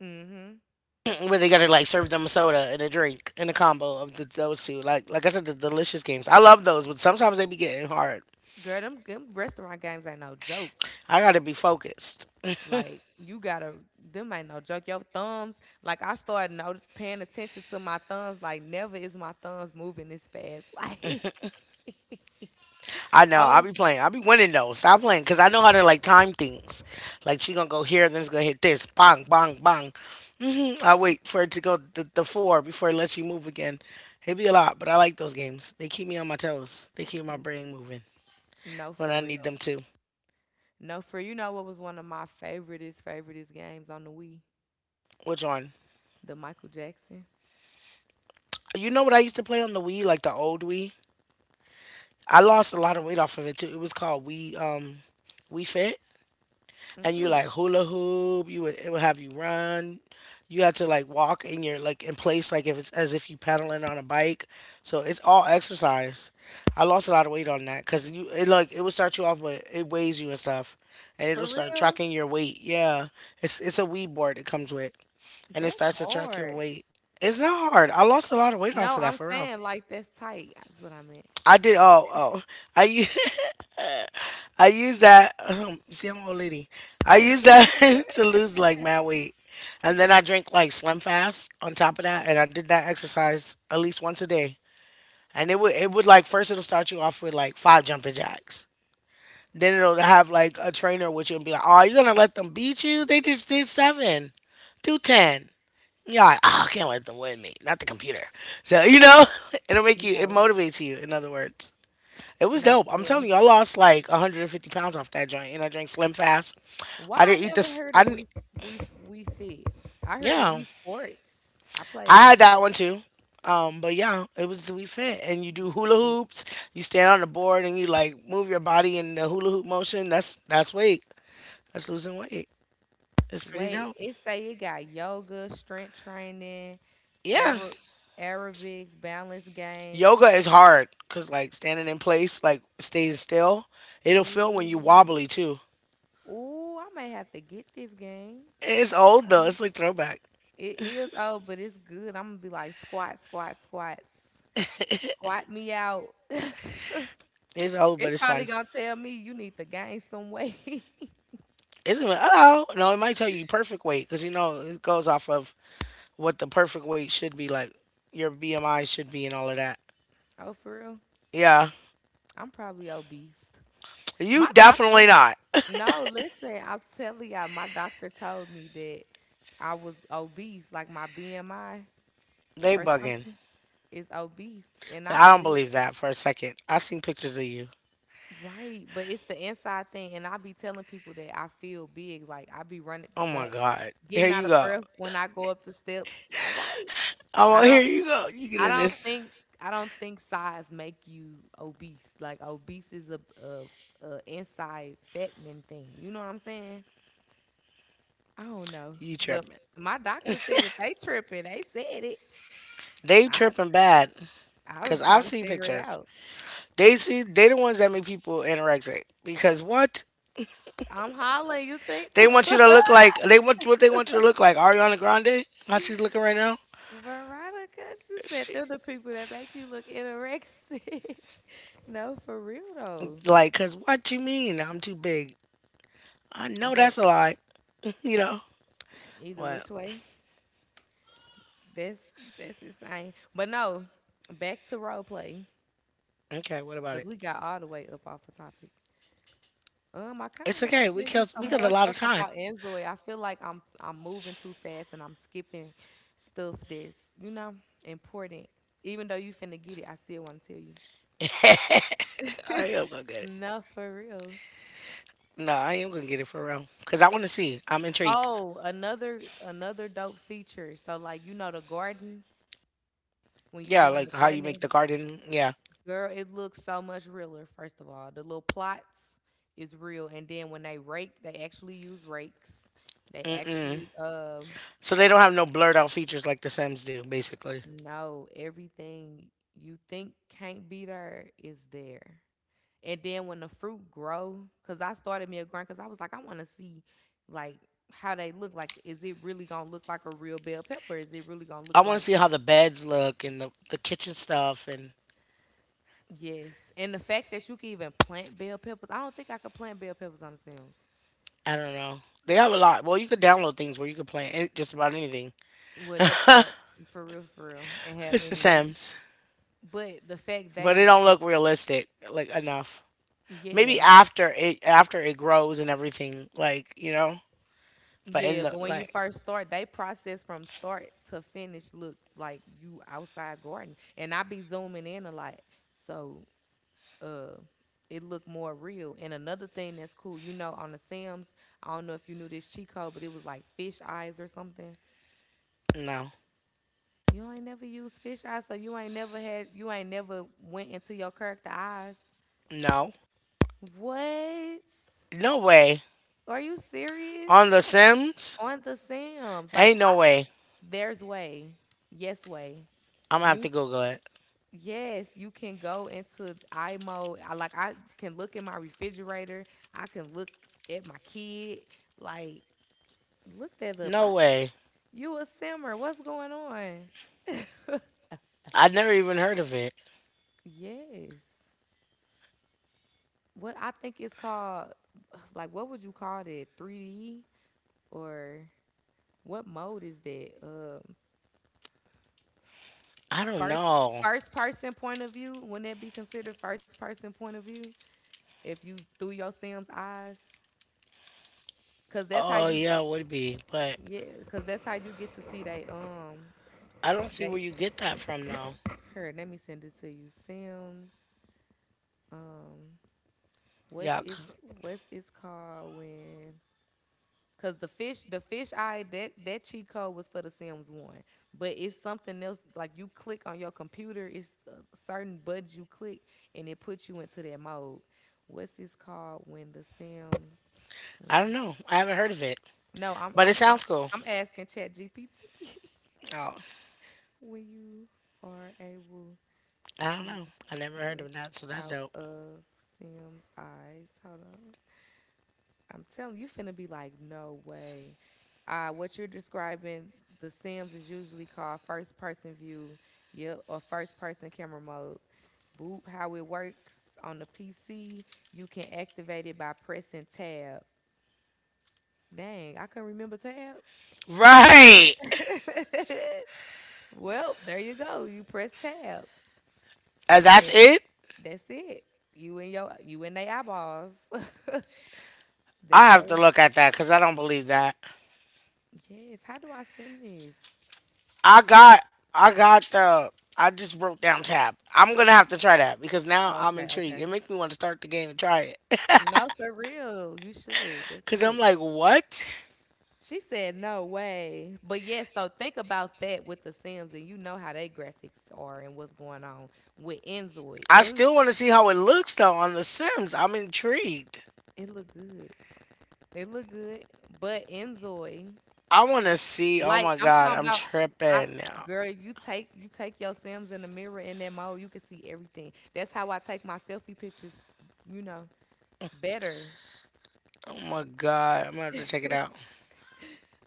[SPEAKER 1] hmm
[SPEAKER 2] *clears throat* Where they gotta like serve them a soda and a drink and a combo of those two. Like I said, the delicious games. I love those, but sometimes they be getting hard.
[SPEAKER 1] Girl, them restaurant games ain't no joke.
[SPEAKER 2] I gotta be focused.
[SPEAKER 1] Like you gotta, them ain't no joke. Your thumbs, like I started no paying attention to my thumbs. Like never is my thumbs moving this fast. *laughs* Like,
[SPEAKER 2] I know. I'll
[SPEAKER 1] oh
[SPEAKER 2] be playing. I'll be winning though. Stop playing because I know how to like time things. Like she gonna go here, then it's gonna hit this. Bang, bang, bang. I wait for it to go the four before it lets you move again. It'd be a lot, but I like those games. They keep me on my toes. They keep my brain moving
[SPEAKER 1] no,
[SPEAKER 2] when
[SPEAKER 1] for
[SPEAKER 2] I need
[SPEAKER 1] real,
[SPEAKER 2] them to.
[SPEAKER 1] no for you know what was one of my favoriteest games on the Wii,
[SPEAKER 2] Which one?
[SPEAKER 1] the Michael Jackson.
[SPEAKER 2] You know what I used to play on the Wii, like the old Wii. I lost a lot of weight off of it too. It was called Wii Wii Fit. And you
[SPEAKER 1] Mm-mm.
[SPEAKER 2] like hula hoop, you would it would have you run. You had to like walk in your like in place like if it's as if you pedaling on a bike. So it's all exercise. I lost a lot of weight on that because you it like it would start you off with, it weighs you and stuff, and
[SPEAKER 1] For
[SPEAKER 2] it'll start
[SPEAKER 1] real,
[SPEAKER 2] tracking your weight. Yeah, it's a Wii board it comes with, and it
[SPEAKER 1] that's
[SPEAKER 2] starts to track your
[SPEAKER 1] hard.
[SPEAKER 2] weight. It's not hard. I lost a lot of weight off
[SPEAKER 1] No,
[SPEAKER 2] of that
[SPEAKER 1] I'm
[SPEAKER 2] for real.
[SPEAKER 1] saying like that's tight. That's what I meant.
[SPEAKER 2] I did. Oh, oh. I u- *laughs* I use that. See, I'm an old lady. I use that
[SPEAKER 1] *laughs*
[SPEAKER 2] *laughs* to lose like mad weight, and then I drink like Slim Fast on top of that, and I did that exercise at least once a day. And it would like first it'll start you off with like five jumping jacks. Then it'll have like a trainer with you and be like, "Oh, you're gonna let them beat you? They just did seven, do ten." You're like, "Oh, I can't let them win me, not the computer." So you know, *laughs* it
[SPEAKER 1] no,
[SPEAKER 2] motivates you. In other words. It was
[SPEAKER 1] no,
[SPEAKER 2] dope.
[SPEAKER 1] for
[SPEAKER 2] I'm telling
[SPEAKER 1] real.
[SPEAKER 2] you, I lost like 150 pounds off that joint, and I drank Slim Fast.
[SPEAKER 1] Why
[SPEAKER 2] I
[SPEAKER 1] I
[SPEAKER 2] didn't eat
[SPEAKER 1] never
[SPEAKER 2] this.
[SPEAKER 1] heard
[SPEAKER 2] I
[SPEAKER 1] of
[SPEAKER 2] didn't.
[SPEAKER 1] we fit. I heard of
[SPEAKER 2] Yeah,
[SPEAKER 1] we sports. I play
[SPEAKER 2] I
[SPEAKER 1] we
[SPEAKER 2] had that
[SPEAKER 1] sports.
[SPEAKER 2] one too. But yeah, it was we fit, and you do
[SPEAKER 1] We
[SPEAKER 2] hula
[SPEAKER 1] fit.
[SPEAKER 2] hoops. You stand on the board and you like move your body in the hula hoop motion. That's weight. That's losing weight. It's pretty
[SPEAKER 1] Wait,
[SPEAKER 2] dope.
[SPEAKER 1] it say it got yoga, strength training,
[SPEAKER 2] Yeah,
[SPEAKER 1] Arab aerobics, balance games.
[SPEAKER 2] yoga
[SPEAKER 1] str-
[SPEAKER 2] is hard because like standing in place, like stays still, it'll feel when you
[SPEAKER 1] Ooh,
[SPEAKER 2] wobbly too.
[SPEAKER 1] ooh, I may have to get this game.
[SPEAKER 2] It's old though.
[SPEAKER 1] Um,
[SPEAKER 2] It's like throwback.
[SPEAKER 1] It is old, but it's good. I'm gonna be like squat, squat, squats, squat me out. *laughs*
[SPEAKER 2] It's old, but
[SPEAKER 1] It's
[SPEAKER 2] it's
[SPEAKER 1] probably
[SPEAKER 2] fun.
[SPEAKER 1] gonna tell me you need to gain some weight. *laughs*
[SPEAKER 2] Isn't it? Oh no, it might tell you perfect weight because you know it goes off of what the perfect weight should be, like your BMI should be, and all of that.
[SPEAKER 1] Oh, for real?
[SPEAKER 2] Yeah,
[SPEAKER 1] I'm probably obese.
[SPEAKER 2] you
[SPEAKER 1] My
[SPEAKER 2] definitely
[SPEAKER 1] doctor,
[SPEAKER 2] not.
[SPEAKER 1] no, listen, I'm telling y'all, my doctor told me that I was obese, like my BMI
[SPEAKER 2] They
[SPEAKER 1] or
[SPEAKER 2] bugging.
[SPEAKER 1] something is obese. And I
[SPEAKER 2] I don't
[SPEAKER 1] believe,
[SPEAKER 2] believe that for a second. I seen pictures of you.
[SPEAKER 1] right, but it's the inside thing. And I be telling people that I feel big, like I be running,
[SPEAKER 2] Oh
[SPEAKER 1] going,
[SPEAKER 2] my god. Here
[SPEAKER 1] getting out
[SPEAKER 2] you
[SPEAKER 1] of
[SPEAKER 2] go.
[SPEAKER 1] breath when I go up the steps. All right.
[SPEAKER 2] Oh,
[SPEAKER 1] I
[SPEAKER 2] well, here
[SPEAKER 1] don't.
[SPEAKER 2] you go. You get
[SPEAKER 1] I
[SPEAKER 2] in
[SPEAKER 1] don't
[SPEAKER 2] this.
[SPEAKER 1] think I don't think size make you obese. Like obese is a inside fattening thing. You know what I'm saying? I don't know,
[SPEAKER 2] You
[SPEAKER 1] but
[SPEAKER 2] tripping.
[SPEAKER 1] my doctor said that they tripping. They said it.
[SPEAKER 2] They
[SPEAKER 1] I
[SPEAKER 2] tripping bad
[SPEAKER 1] I was
[SPEAKER 2] because
[SPEAKER 1] trying to
[SPEAKER 2] I've seen
[SPEAKER 1] figure it
[SPEAKER 2] pictures.
[SPEAKER 1] out.
[SPEAKER 2] They the ones that make people anorexic because what
[SPEAKER 1] I'm hollering. You think
[SPEAKER 2] they want you to look like. They want what they want you to look like. Ariana Grande, how she's looking right now.
[SPEAKER 1] *laughs* Veronica? She said
[SPEAKER 2] She,
[SPEAKER 1] they're the people that make you look anorexic. *laughs* No, for real though.
[SPEAKER 2] like, cause what you mean I'm too big? I know
[SPEAKER 1] But
[SPEAKER 2] that's a lie. *laughs* You know
[SPEAKER 1] either
[SPEAKER 2] what?
[SPEAKER 1] which way, that's that's insane. But no, back to role play.
[SPEAKER 2] Okay, what about
[SPEAKER 1] Because
[SPEAKER 2] it?
[SPEAKER 1] we got all the way up off the topic. I kind of
[SPEAKER 2] It's
[SPEAKER 1] want to
[SPEAKER 2] okay. We
[SPEAKER 1] tell you
[SPEAKER 2] killed
[SPEAKER 1] some
[SPEAKER 2] we killed a
[SPEAKER 1] more
[SPEAKER 2] lot
[SPEAKER 1] stuff
[SPEAKER 2] of time.
[SPEAKER 1] about Enzoy. I feel like I'm moving too fast and I'm skipping stuff that's, you know, important. Even though you finna get it, I still want to tell
[SPEAKER 2] *laughs* I
[SPEAKER 1] you. *laughs*
[SPEAKER 2] am gonna get it.
[SPEAKER 1] No, for real.
[SPEAKER 2] No, I am gonna get it for real. Cause I want to see. I'm intrigued.
[SPEAKER 1] Oh, another dope feature. So like you know the garden when you
[SPEAKER 2] Yeah,
[SPEAKER 1] doing
[SPEAKER 2] like
[SPEAKER 1] the
[SPEAKER 2] how you make
[SPEAKER 1] gardening,
[SPEAKER 2] the garden. Yeah.
[SPEAKER 1] girl, it looks so much realer, first of all. The little plots is real. And then when they rake, they actually use rakes. They
[SPEAKER 2] Mm-mm.
[SPEAKER 1] actually
[SPEAKER 2] So they don't have no blurred out features like The Sims do, basically.
[SPEAKER 1] no, everything you think can't be there is there. And then when the fruit grow, cause I started me a grind, cause I was like, I wanna see like how they look. Like, is it really gonna look like a real bell pepper? Is it really gonna
[SPEAKER 2] I
[SPEAKER 1] look
[SPEAKER 2] want to
[SPEAKER 1] like
[SPEAKER 2] see how the beds look and the kitchen stuff and
[SPEAKER 1] yes. And the fact that you can even plant bell peppers. I don't think I could plant bell peppers on the Sims.
[SPEAKER 2] I don't know. They have a lot. Well, you could download things where you could play it- just about anything.
[SPEAKER 1] Well, that part for real, and have
[SPEAKER 2] It's The
[SPEAKER 1] any meat.
[SPEAKER 2] Sims.
[SPEAKER 1] But the fact
[SPEAKER 2] But it
[SPEAKER 1] they
[SPEAKER 2] don't look
[SPEAKER 1] just
[SPEAKER 2] realistic like enough. Maybe
[SPEAKER 1] yeah,
[SPEAKER 2] after it grows and everything, like you know. But in
[SPEAKER 1] yeah.
[SPEAKER 2] the
[SPEAKER 1] But when you
[SPEAKER 2] like,
[SPEAKER 1] first start, they process from start to finish. Look like you outside garden, and I be zooming in a lot, so uh, it look more real. And another thing that's cool, you know, on the Sims, I don't know if you knew this cheat code, but it was like fish eyes or something.
[SPEAKER 2] no,
[SPEAKER 1] You ain't never used fish eyes, so you ain't never had, you ain't never went into your character eyes.
[SPEAKER 2] no,
[SPEAKER 1] What?
[SPEAKER 2] no way
[SPEAKER 1] Are you serious?
[SPEAKER 2] on the Sims,
[SPEAKER 1] On the Sims. Like
[SPEAKER 2] ain't no
[SPEAKER 1] I-
[SPEAKER 2] way.
[SPEAKER 1] there's way. Yes way.
[SPEAKER 2] I'm gonna have to
[SPEAKER 1] You
[SPEAKER 2] Google it.
[SPEAKER 1] yes, you can go into I mode. I can look in my refrigerator. I can look at my kid. Like look that up.
[SPEAKER 2] No
[SPEAKER 1] I
[SPEAKER 2] way.
[SPEAKER 1] you a simmer. What's going on? *laughs*
[SPEAKER 2] I have never even heard of it.
[SPEAKER 1] Yes. What I think is called like what would you call it? 3D or what mode is that?
[SPEAKER 2] I don't
[SPEAKER 1] First
[SPEAKER 2] know.
[SPEAKER 1] person point of view, wouldn't that be considered first person point of view? If you through your Sam's eyes, cause that's how
[SPEAKER 2] Oh
[SPEAKER 1] you
[SPEAKER 2] yeah, it would be, but
[SPEAKER 1] yeah, cause that's how you get to see
[SPEAKER 2] I don't see where
[SPEAKER 1] they
[SPEAKER 2] you get that from though.
[SPEAKER 1] her. Let me send it to you, Sam's. Um, what's
[SPEAKER 2] Yeah,
[SPEAKER 1] it's
[SPEAKER 2] 'cause-
[SPEAKER 1] what's it's called when cause the fish eye that that cheat code was for The Sims One, but it's something else. Like you click on your computer, it's certain buttons you click, and it puts you into that mode. What's this called when The Sims win?
[SPEAKER 2] I don't know. I haven't heard of it,
[SPEAKER 1] No,
[SPEAKER 2] but it sounds cool.
[SPEAKER 1] I'm asking ChatGPT
[SPEAKER 2] Oh,
[SPEAKER 1] *laughs* when you are able
[SPEAKER 2] I don't
[SPEAKER 1] to
[SPEAKER 2] know. I never heard
[SPEAKER 1] look
[SPEAKER 2] of that, so that's
[SPEAKER 1] out
[SPEAKER 2] dope.
[SPEAKER 1] of Sims eyes. Hold on. I'm telling you, finna be like, no way. What you're describing, The Sims is usually called first person view, yeah, or first person camera mode. Boop, how it works on the PC, you can activate it by pressing tab. Dang, I couldn't remember tab.
[SPEAKER 2] Right.
[SPEAKER 1] *laughs* Well, there you go. You press tab.
[SPEAKER 2] And that's
[SPEAKER 1] And
[SPEAKER 2] it.
[SPEAKER 1] that's it. You and they eyeballs. *laughs*
[SPEAKER 2] I
[SPEAKER 1] That's
[SPEAKER 2] have to
[SPEAKER 1] your
[SPEAKER 2] look at that because I don't believe that.
[SPEAKER 1] yes. How do I send this?
[SPEAKER 2] I got, I got the, I just broke down tab. I'm gonna have to try that because now
[SPEAKER 1] Oh,
[SPEAKER 2] I'm
[SPEAKER 1] okay,
[SPEAKER 2] intrigued.
[SPEAKER 1] okay.
[SPEAKER 2] It makes me want to start the game and try it.
[SPEAKER 1] No, for real. You should.
[SPEAKER 2] *laughs*
[SPEAKER 1] That's
[SPEAKER 2] Cause I'm
[SPEAKER 1] lit.
[SPEAKER 2] like, what?
[SPEAKER 1] She said, no way. But yeah, so think about that with the Sims and you know how they graphics are and what's going on with Enzoid.
[SPEAKER 2] I
[SPEAKER 1] Enz
[SPEAKER 2] still want to see how it looks though on The Sims. I'm intrigued.
[SPEAKER 1] it look good. It look good. But Enzoid,
[SPEAKER 2] I want to see. Oh
[SPEAKER 1] like
[SPEAKER 2] my
[SPEAKER 1] I'm
[SPEAKER 2] god,
[SPEAKER 1] talking
[SPEAKER 2] I'm
[SPEAKER 1] about I
[SPEAKER 2] tripping now.
[SPEAKER 1] girl, you take your Sims in the mirror in that mode, you can see everything. That's how I take my selfie pictures, you know, better.
[SPEAKER 2] Oh my god, I'm gonna have to
[SPEAKER 1] *laughs*
[SPEAKER 2] check it out.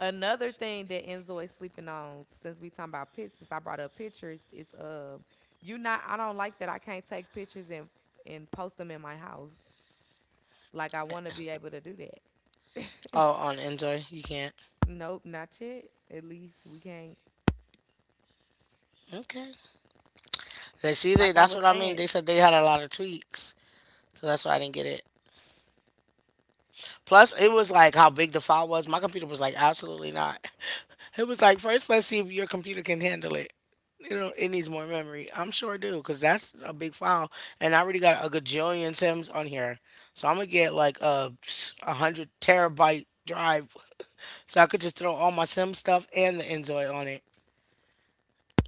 [SPEAKER 1] Another thing that Enzo is sleeping on, since we talking about pictures, since I brought up pictures, is you not. I don't like that. I can't take pictures and post them in my house. Like I want to be able to do that.
[SPEAKER 2] Oh, on Enjoy, you can't.
[SPEAKER 1] *laughs* Nope, not yet. At least we can't.
[SPEAKER 2] Okay. They
[SPEAKER 1] Like I
[SPEAKER 2] that's
[SPEAKER 1] was
[SPEAKER 2] what I mean.
[SPEAKER 1] saying,
[SPEAKER 2] They said they had a lot of tweaks, so that's why I didn't get it. Plus, it was like how big the file was. My computer was like, absolutely not. *laughs* It was like, first, let's see if your computer can handle it. You know, it needs more memory. I'm sure it do, because that's a big file. And I already got a gajillion Sims on here. So I'm going to get like a 100 terabyte drive. So I could just throw all my Sim stuff and the Enjoy on it.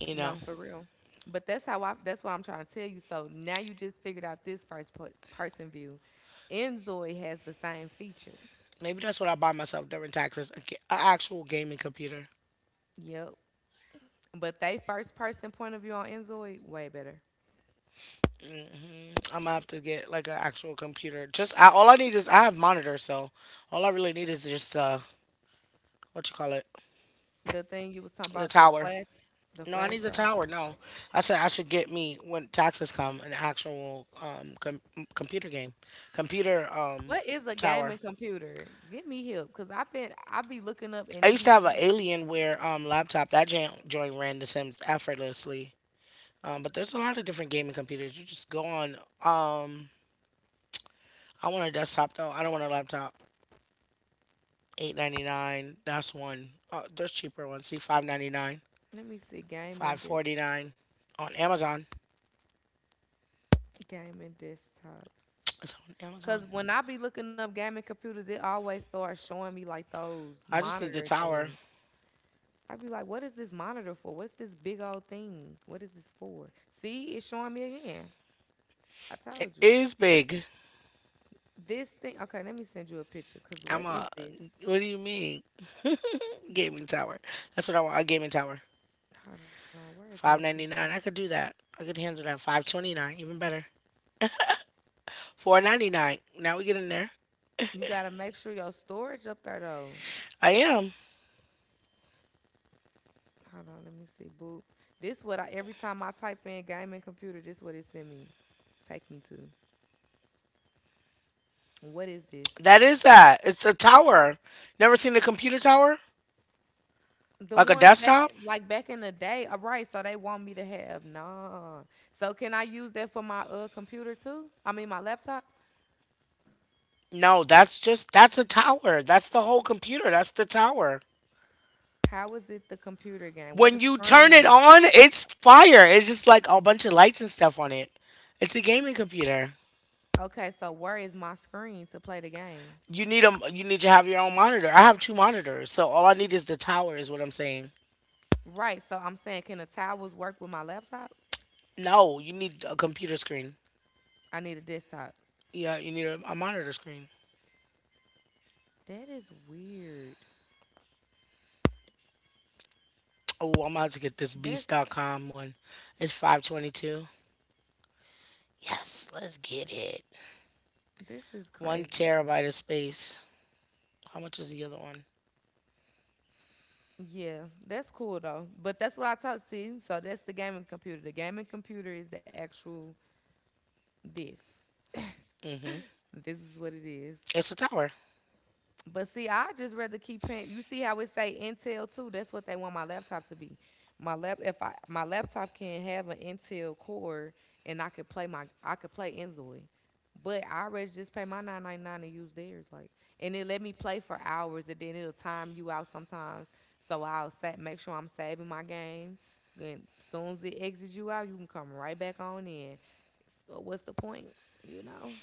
[SPEAKER 2] You know,
[SPEAKER 1] for real. But that's how I. That's what I'm trying to tell you. So now you just figured out this first per- person view. Enzoid has the same feature.
[SPEAKER 2] maybe that's what I buy myself during taxes, actual gaming computer.
[SPEAKER 1] Yep. But they first person point of view on Enzoid way better.
[SPEAKER 2] I'm gonna have to get like an actual computer. All I need is, I have monitors, so all I really need is just what you call it,
[SPEAKER 1] The thing you was talking
[SPEAKER 2] the
[SPEAKER 1] about,
[SPEAKER 2] tower.
[SPEAKER 1] the
[SPEAKER 2] No, I need
[SPEAKER 1] flash
[SPEAKER 2] the
[SPEAKER 1] drive.
[SPEAKER 2] tower. No, I said I should get me when taxes come an actual computer game, computer
[SPEAKER 1] What is a
[SPEAKER 2] tower.
[SPEAKER 1] gaming computer? Get me help, cause I be looking up
[SPEAKER 2] I
[SPEAKER 1] and it
[SPEAKER 2] used to
[SPEAKER 1] be
[SPEAKER 2] have an
[SPEAKER 1] showing.
[SPEAKER 2] Alienware laptop. That joint ran The Sims effortlessly. But there's a lot of different gaming computers. You just go on. Um, I want a desktop though. I don't want a laptop. 899. That's one. There's cheaper ones. See 599,
[SPEAKER 1] Let me see
[SPEAKER 2] five forty nine on Amazon.
[SPEAKER 1] gaming desktops.
[SPEAKER 2] It's on Amazon.
[SPEAKER 1] Cause when I be looking up gaming computers, it always starts showing me like those
[SPEAKER 2] I just need the
[SPEAKER 1] monitor
[SPEAKER 2] tower.
[SPEAKER 1] things. I be like, what is this monitor for? What's this big old thing? What is this for? See, it's showing me again. I
[SPEAKER 2] It
[SPEAKER 1] told you.
[SPEAKER 2] is big.
[SPEAKER 1] This thing. Okay, let me send you a picture. Cause what
[SPEAKER 2] I'm a.
[SPEAKER 1] is this?
[SPEAKER 2] What do you mean? *laughs* Gaming tower. That's what I want. A gaming tower.
[SPEAKER 1] Hold on. Where is
[SPEAKER 2] Five ninety
[SPEAKER 1] Messenger?
[SPEAKER 2] nine. I could do that. I could handle that. 529. Even better. 499. Now we get in there.
[SPEAKER 1] You gotta make sure your storage up there though.
[SPEAKER 2] I am.
[SPEAKER 1] Hold on, let me see. Boot. This what I every time I type in gaming computer, this what it send me. Take me to. What is this?
[SPEAKER 2] That is that. It's a tower. Never seen a computer tower
[SPEAKER 1] The
[SPEAKER 2] like a
[SPEAKER 1] ones back
[SPEAKER 2] desktop.
[SPEAKER 1] in- like back in the day. All right, so they want me to have nah. So can I use that for my computer too? I mean my laptop?
[SPEAKER 2] No, that's just, that's a tower. That's the whole computer. That's the tower.
[SPEAKER 1] How is it the computer game? Where the
[SPEAKER 2] When you turn it
[SPEAKER 1] screen?
[SPEAKER 2] on, it's fire. It's just like a bunch of lights and stuff on it. It's a gaming computer.
[SPEAKER 1] Okay, so where is my screen to play the game?
[SPEAKER 2] You need a, you need to have your own monitor. I have two monitors, so all I need is the tower is what I'm saying.
[SPEAKER 1] Right, so I'm saying can the towers work with my laptop?
[SPEAKER 2] No, you need a computer screen.
[SPEAKER 1] I need a desktop.
[SPEAKER 2] Yeah, you need a monitor screen.
[SPEAKER 1] That is weird.
[SPEAKER 2] Oh, I'm about to get this
[SPEAKER 1] That
[SPEAKER 2] beast.com one. It's 522. Yes, let's get it.
[SPEAKER 1] this is
[SPEAKER 2] 1
[SPEAKER 1] crazy.
[SPEAKER 2] terabyte of space. How much is the other one?
[SPEAKER 1] Yeah, that's cool though. But that's what I taught. See, so that's the gaming computer. The gaming computer is the actual this. *laughs*
[SPEAKER 2] Mhm.
[SPEAKER 1] This is what it is.
[SPEAKER 2] It's a tower.
[SPEAKER 1] But see, I just rather keep paying. You see how it say Intel too? That's what they want my laptop to be. My lap if I my laptop can have an Intel core and I could play Enzoy. But I rather just pay my 9.99 and use theirs. Like and it let me play for hours and then it'll time you out sometimes. So I'll sa- make sure I'm saving my game. Then soon as it exits you out, you can come right back on in. So what's the point? You know?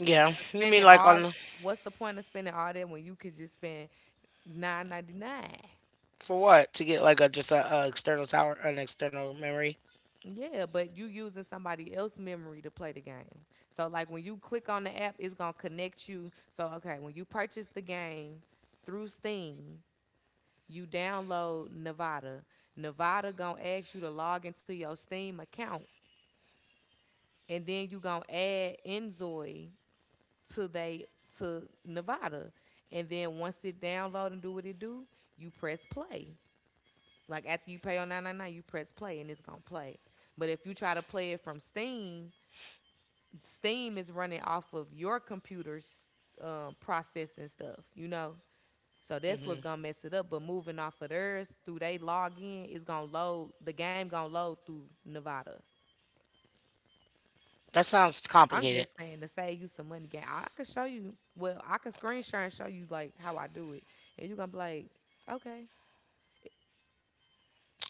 [SPEAKER 2] Yeah. You mean
[SPEAKER 1] Spending
[SPEAKER 2] like
[SPEAKER 1] all
[SPEAKER 2] on
[SPEAKER 1] what's the point of spending all that when you could just spend 9.99?
[SPEAKER 2] for what? To get like a just a external tower, an external memory.
[SPEAKER 1] Yeah, but you using somebody else's memory to play the game. So like when you click on the app, it's gonna connect you. So okay, when you purchase the game through Steam, you download Nevada. Nevada gonna ask you to log into your Steam account, and then you gonna add Enzoy to they to Nevada. And then once it download and do what it do, you press play. Like after you pay on 999, you press play and it's gonna play. But if you try to play it from Steam, Steam is running off of your computer's processing stuff, you know. So that's what's
[SPEAKER 2] hmm
[SPEAKER 1] gonna mess it up. But moving off of theirs through they login, it's gonna load the game gonna load through Nevada.
[SPEAKER 2] That sounds
[SPEAKER 1] I'm
[SPEAKER 2] complicated.
[SPEAKER 1] just saying to save you some money game. I could show you well, I could screenshot and show you like how I do it. And you're gonna be like, okay,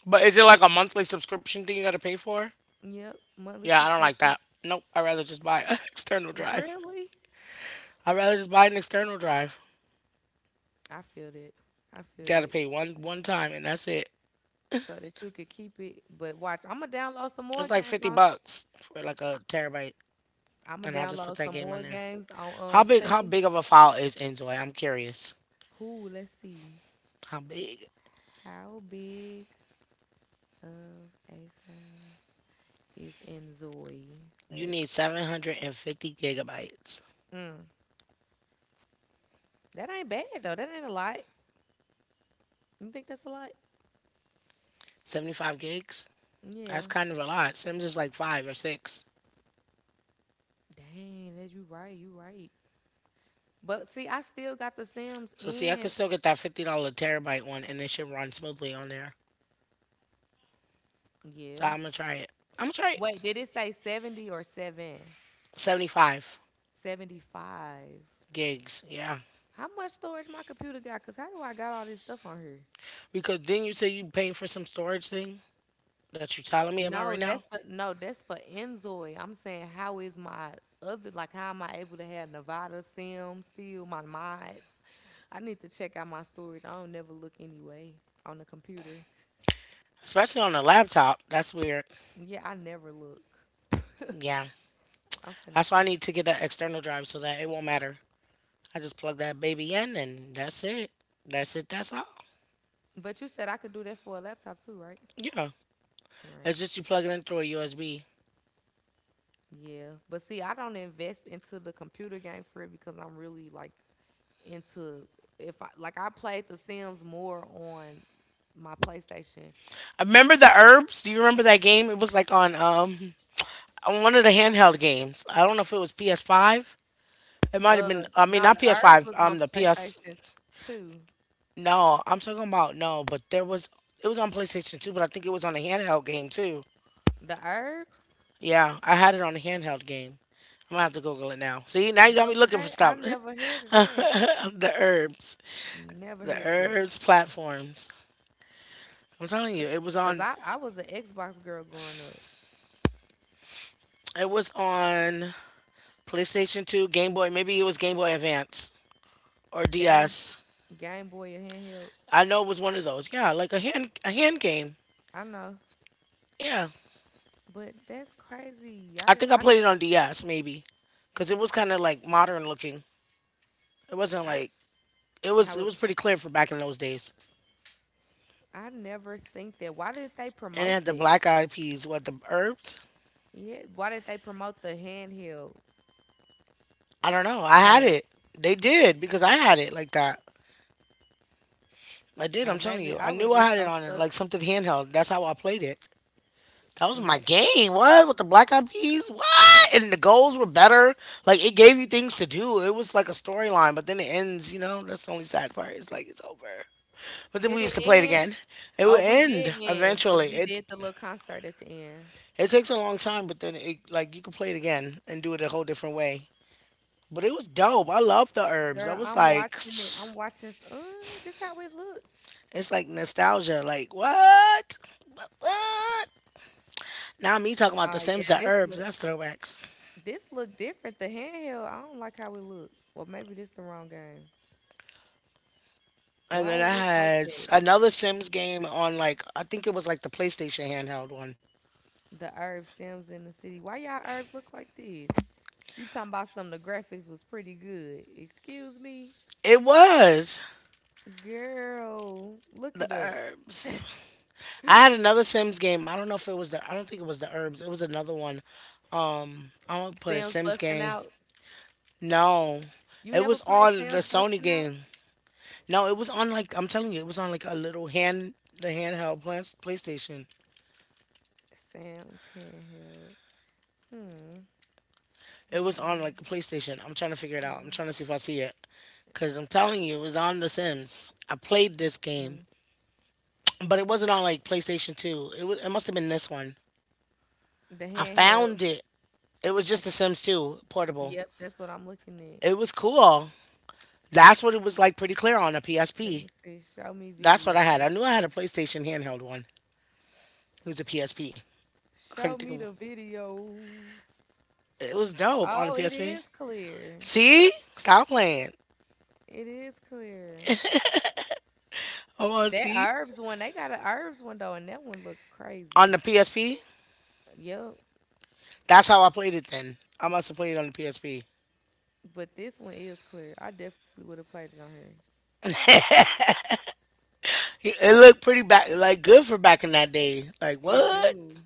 [SPEAKER 2] But is it like a monthly subscription thing you got to pay for?
[SPEAKER 1] yep, monthly
[SPEAKER 2] Yeah, I don't like
[SPEAKER 1] subscription.
[SPEAKER 2] that. Nope. I'd rather just buy an *laughs* external drive.
[SPEAKER 1] Really?
[SPEAKER 2] I'd rather just buy an external drive.
[SPEAKER 1] I feel that. I feel
[SPEAKER 2] Got to
[SPEAKER 1] that.
[SPEAKER 2] pay one time and that's it.
[SPEAKER 1] So that you could keep it. But watch, I'm gonna download some
[SPEAKER 2] It's
[SPEAKER 1] more
[SPEAKER 2] like
[SPEAKER 1] games
[SPEAKER 2] fifty
[SPEAKER 1] on.
[SPEAKER 2] bucks for like a terabyte,
[SPEAKER 1] I'm gonna
[SPEAKER 2] and I'll just put
[SPEAKER 1] download
[SPEAKER 2] that
[SPEAKER 1] some
[SPEAKER 2] game on
[SPEAKER 1] more
[SPEAKER 2] there.
[SPEAKER 1] games on
[SPEAKER 2] How big? How
[SPEAKER 1] Steam.
[SPEAKER 2] big of a file is Enjoy? I'm curious.
[SPEAKER 1] Who? Let's see.
[SPEAKER 2] How big?
[SPEAKER 1] How big of a file is in Zoe?
[SPEAKER 2] You need
[SPEAKER 1] Let's.
[SPEAKER 2] 750 gigabytes.
[SPEAKER 1] Mm, that ain't bad though. That ain't a lot. You think that's a lot?
[SPEAKER 2] 75 gigs. That's
[SPEAKER 1] Yeah.
[SPEAKER 2] kind of a lot. Sims is like five or six.
[SPEAKER 1] Dang, that you right. You right. But see, I still got the Sims
[SPEAKER 2] So see, I could
[SPEAKER 1] in.
[SPEAKER 2] still get that $50 terabyte one, and it should run smoothly on there. So
[SPEAKER 1] Yeah.
[SPEAKER 2] I'm gonna try it. I'm gonna try it.
[SPEAKER 1] Wait, did it say 70 or 7?
[SPEAKER 2] 75
[SPEAKER 1] 75.
[SPEAKER 2] gigs. Yeah,
[SPEAKER 1] How much storage my computer got? Cause how do I got all this stuff on here?
[SPEAKER 2] because then you say you paying for some storage thing that you're telling me about right
[SPEAKER 1] No,
[SPEAKER 2] now,
[SPEAKER 1] that's the no, that's for Enzoy. I'm saying how is my other like how am I able to have Nevada Sim still, my mods? I need to check out my storage. I don't never look anyway on the computer.
[SPEAKER 2] especially on a laptop. That's weird.
[SPEAKER 1] Yeah, I never look. *laughs*
[SPEAKER 2] Yeah,
[SPEAKER 1] I'm finna
[SPEAKER 2] that's why I
[SPEAKER 1] see.
[SPEAKER 2] need to get that external drive so that it won't matter. I just plug that baby in, and that's it. That's it. That's all.
[SPEAKER 1] But you said I could do that for a laptop too, right?
[SPEAKER 2] Yeah,
[SPEAKER 1] All right.
[SPEAKER 2] it's just you plug it in through a USB.
[SPEAKER 1] Yeah, but see, I don't invest into the computer game for it because I'm really like into if I like I played The Sims more on my PlayStation.
[SPEAKER 2] Remember the herbs. Do you remember that game? It was like on on one of the handheld games. I don't know if it was PS5. It might
[SPEAKER 1] Uh,
[SPEAKER 2] have been. I mean,
[SPEAKER 1] no, the
[SPEAKER 2] not
[SPEAKER 1] Herbs
[SPEAKER 2] PS5.
[SPEAKER 1] was on
[SPEAKER 2] The PS.
[SPEAKER 1] PlayStation 2.
[SPEAKER 2] No, I'm talking about no. But there was. It was on PlayStation 2, but I think it was on a handheld game too.
[SPEAKER 1] The Herbs?
[SPEAKER 2] Yeah, I had it on a handheld game. I'm gonna have to Google it now. See, now you got me looking for
[SPEAKER 1] Okay, I
[SPEAKER 2] stuff.
[SPEAKER 1] never heard of that.
[SPEAKER 2] *laughs* The herbs,
[SPEAKER 1] Never
[SPEAKER 2] the
[SPEAKER 1] heard of that.
[SPEAKER 2] herbs platforms. I'm telling
[SPEAKER 1] C-
[SPEAKER 2] you, it was
[SPEAKER 1] Cause
[SPEAKER 2] on.
[SPEAKER 1] I was an Xbox girl growing up.
[SPEAKER 2] It was on PlayStation 2, Game Boy. Maybe it was Game Boy Advance or
[SPEAKER 1] Game
[SPEAKER 2] DS.
[SPEAKER 1] Game Boy or handheld.
[SPEAKER 2] I know it was one of those. Yeah, like a hand game.
[SPEAKER 1] I know,
[SPEAKER 2] Yeah.
[SPEAKER 1] but that's crazy. I
[SPEAKER 2] I
[SPEAKER 1] didn't.
[SPEAKER 2] think I played it on DS maybe, because it was kind of like modern looking. It wasn't
[SPEAKER 1] I
[SPEAKER 2] like it was.
[SPEAKER 1] how
[SPEAKER 2] It
[SPEAKER 1] it
[SPEAKER 2] was pretty clear for back in those days.
[SPEAKER 1] I never seen that. Why did they
[SPEAKER 2] And it
[SPEAKER 1] promote
[SPEAKER 2] had the
[SPEAKER 1] that?
[SPEAKER 2] Black Eyed Peas. What, the herbs?
[SPEAKER 1] Yeah, why did they promote the handheld
[SPEAKER 2] I don't know. I had it.
[SPEAKER 1] herbs?
[SPEAKER 2] They did because I had it like that. I did. I'm telling
[SPEAKER 1] Maybe
[SPEAKER 2] you. I
[SPEAKER 1] I
[SPEAKER 2] knew
[SPEAKER 1] was
[SPEAKER 2] I had
[SPEAKER 1] just
[SPEAKER 2] it
[SPEAKER 1] so
[SPEAKER 2] on it
[SPEAKER 1] stuck.
[SPEAKER 2] like something handheld. That's how I played it. That was my
[SPEAKER 1] May-
[SPEAKER 2] game. What, with the Black Eyed Peas? What? And the goals were better. Like it gave you things to do. It was like a storyline, but then it ends. You know, that's the only sad part. It's like it's over. But then
[SPEAKER 1] Did
[SPEAKER 2] we
[SPEAKER 1] it
[SPEAKER 2] used to play it
[SPEAKER 1] end?
[SPEAKER 2] again. It
[SPEAKER 1] Oh,
[SPEAKER 2] would
[SPEAKER 1] we did
[SPEAKER 2] end
[SPEAKER 1] end because
[SPEAKER 2] eventually.
[SPEAKER 1] we
[SPEAKER 2] It
[SPEAKER 1] did the little concert at the end.
[SPEAKER 2] it takes a long time, but then it like you could play it again and do it a whole different way. But it was dope. I love the herbs. I
[SPEAKER 1] Girl,
[SPEAKER 2] was
[SPEAKER 1] I'm
[SPEAKER 2] like, *sniffs*
[SPEAKER 1] watching it.
[SPEAKER 2] it's
[SPEAKER 1] This how it look.
[SPEAKER 2] like nostalgia. Like what? What? What? Now me talking about the
[SPEAKER 1] Oh
[SPEAKER 2] Sims,
[SPEAKER 1] yeah,
[SPEAKER 2] the
[SPEAKER 1] this
[SPEAKER 2] herbs.
[SPEAKER 1] look.
[SPEAKER 2] That's throwbacks.
[SPEAKER 1] This look different. The handheld. I don't like how it look. Well, maybe this the wrong game.
[SPEAKER 2] And then
[SPEAKER 1] Why it
[SPEAKER 2] I
[SPEAKER 1] look like
[SPEAKER 2] had
[SPEAKER 1] that?
[SPEAKER 2] another Sims game on, like, I think it was like the PlayStation handheld one.
[SPEAKER 1] The Herb Sims in the city. Why y'all herbs look like this? You talking about some of the graphics was pretty good. Excuse me?
[SPEAKER 2] It was
[SPEAKER 1] Girl, look
[SPEAKER 2] the
[SPEAKER 1] it up. *laughs*
[SPEAKER 2] herbs. I had another Sims game. I don't know if it was the. I don't think it was the herbs. It was another one. I'm gonna
[SPEAKER 1] Sam's
[SPEAKER 2] put
[SPEAKER 1] busting
[SPEAKER 2] Sims
[SPEAKER 1] out.
[SPEAKER 2] game. No,
[SPEAKER 1] You
[SPEAKER 2] it
[SPEAKER 1] never
[SPEAKER 2] was
[SPEAKER 1] played
[SPEAKER 2] on the
[SPEAKER 1] Sam's
[SPEAKER 2] Sony
[SPEAKER 1] busting out?
[SPEAKER 2] game. No, it was on, like, I'm telling you, it was on like a little hand, the handheld plans, PlayStation.
[SPEAKER 1] Sam's handheld. Hmm.
[SPEAKER 2] It was on
[SPEAKER 1] Handheld
[SPEAKER 2] like a PlayStation. I'm trying to figure it out. I'm trying to see if I see it, cause
[SPEAKER 1] PlayStation.
[SPEAKER 2] I'm telling you, it was on the Sims. I played this
[SPEAKER 1] Let
[SPEAKER 2] game,
[SPEAKER 1] me-
[SPEAKER 2] but it wasn't on like PlayStation Two. It was. It must have been this one.
[SPEAKER 1] The
[SPEAKER 2] I
[SPEAKER 1] handheld.
[SPEAKER 2] found it. It was
[SPEAKER 1] Okay.
[SPEAKER 2] just the Sims Two portable.
[SPEAKER 1] Yep, that's what I'm looking at.
[SPEAKER 2] It was cool. That's what it was like pretty clear on a
[SPEAKER 1] Let me
[SPEAKER 2] PSP.
[SPEAKER 1] see. Show me
[SPEAKER 2] That's what I had.
[SPEAKER 1] videos.
[SPEAKER 2] I knew I had a PlayStation handheld one. It was a PSP. Couldn't
[SPEAKER 1] Show
[SPEAKER 2] think
[SPEAKER 1] me
[SPEAKER 2] of one.
[SPEAKER 1] the videos.
[SPEAKER 2] It was dope on the
[SPEAKER 1] Oh, it
[SPEAKER 2] PSP.
[SPEAKER 1] is clear.
[SPEAKER 2] See? Stop playing.
[SPEAKER 1] It is clear.
[SPEAKER 2] I want to
[SPEAKER 1] That
[SPEAKER 2] see.
[SPEAKER 1] herbs one, they got an herbs one though, and that one looked
[SPEAKER 2] On the
[SPEAKER 1] crazy.
[SPEAKER 2] PSP?
[SPEAKER 1] Yep.
[SPEAKER 2] That's how I played it then. I must have played it on the PSP.
[SPEAKER 1] But this one is clear. I definitely would have played it on her.
[SPEAKER 2] *laughs* It looked pretty back, like good for back in that day. Like,
[SPEAKER 1] It
[SPEAKER 2] what?
[SPEAKER 1] do.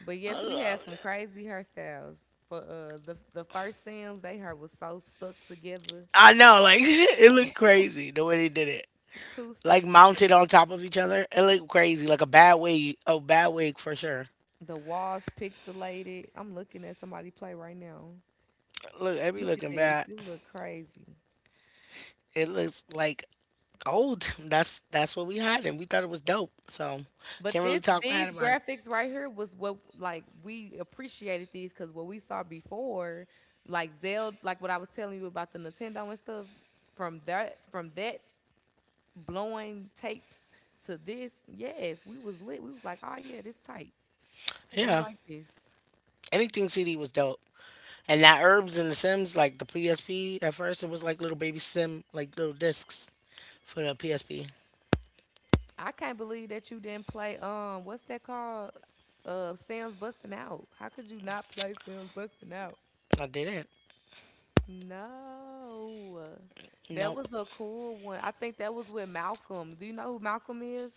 [SPEAKER 1] But
[SPEAKER 2] I
[SPEAKER 1] yes, we had
[SPEAKER 2] love
[SPEAKER 1] some
[SPEAKER 2] it.
[SPEAKER 1] crazy hairstyles. For the first Sims, they hair was so stuck together.
[SPEAKER 2] I know, like, *laughs* it looked
[SPEAKER 1] *laughs*
[SPEAKER 2] crazy the way they did it.
[SPEAKER 1] Too
[SPEAKER 2] Like,
[SPEAKER 1] stuck
[SPEAKER 2] mounted
[SPEAKER 1] together.
[SPEAKER 2] on top of each other. It looked crazy. Like a bad wig. A bad wig for sure.
[SPEAKER 1] The walls pixelated. I'm looking at somebody play right now.
[SPEAKER 2] Look, it be
[SPEAKER 1] Look at
[SPEAKER 2] looking
[SPEAKER 1] this.
[SPEAKER 2] bad.
[SPEAKER 1] It look crazy.
[SPEAKER 2] It looks like old. *laughs* That's what we had, and we thought it was dope. So
[SPEAKER 1] But
[SPEAKER 2] can't really
[SPEAKER 1] this
[SPEAKER 2] talk bad
[SPEAKER 1] these
[SPEAKER 2] about it.
[SPEAKER 1] graphics right here was what like we appreciated these because what we saw before, like Zelda, like what I was telling you about the Nintendo and stuff, from that blowing tapes to this, yes, we was lit. We was like, oh yeah, this tight. We
[SPEAKER 2] Yeah,
[SPEAKER 1] like this.
[SPEAKER 2] anything CD was dope. And that herbs and the Sims, like the PSP. At first, it was like little baby Sim, like little discs for the PSP.
[SPEAKER 1] I can't believe that you didn't play what's that called? Sam's Busting Out. How could you not play Sam's Busting Out?
[SPEAKER 2] I didn't.
[SPEAKER 1] No. That
[SPEAKER 2] Nope.
[SPEAKER 1] was a cool one. I think that was with Malcolm. Do you know who Malcolm is?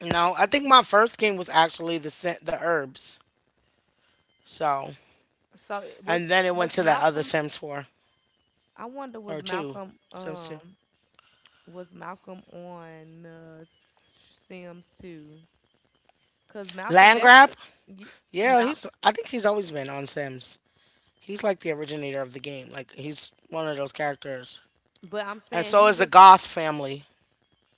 [SPEAKER 2] No, I think my first game was actually the the herbs. So
[SPEAKER 1] So it
[SPEAKER 2] and then it went
[SPEAKER 1] was
[SPEAKER 2] to that other
[SPEAKER 1] Malcolm
[SPEAKER 2] Sims four
[SPEAKER 1] I wonder
[SPEAKER 2] or
[SPEAKER 1] was
[SPEAKER 2] two.
[SPEAKER 1] Malcolm
[SPEAKER 2] Sims two.
[SPEAKER 1] was Malcolm on uh, S- Sims too? Cuz Malcolm
[SPEAKER 2] Land
[SPEAKER 1] that's
[SPEAKER 2] grab.
[SPEAKER 1] the y-
[SPEAKER 2] Yeah,
[SPEAKER 1] Mal,
[SPEAKER 2] he's. I think he's always been on Sims. He's like the originator of the game. Like he's one of those characters.
[SPEAKER 1] but I'm
[SPEAKER 2] And
[SPEAKER 1] saying
[SPEAKER 2] so
[SPEAKER 1] he
[SPEAKER 2] is the
[SPEAKER 1] was
[SPEAKER 2] Goth family.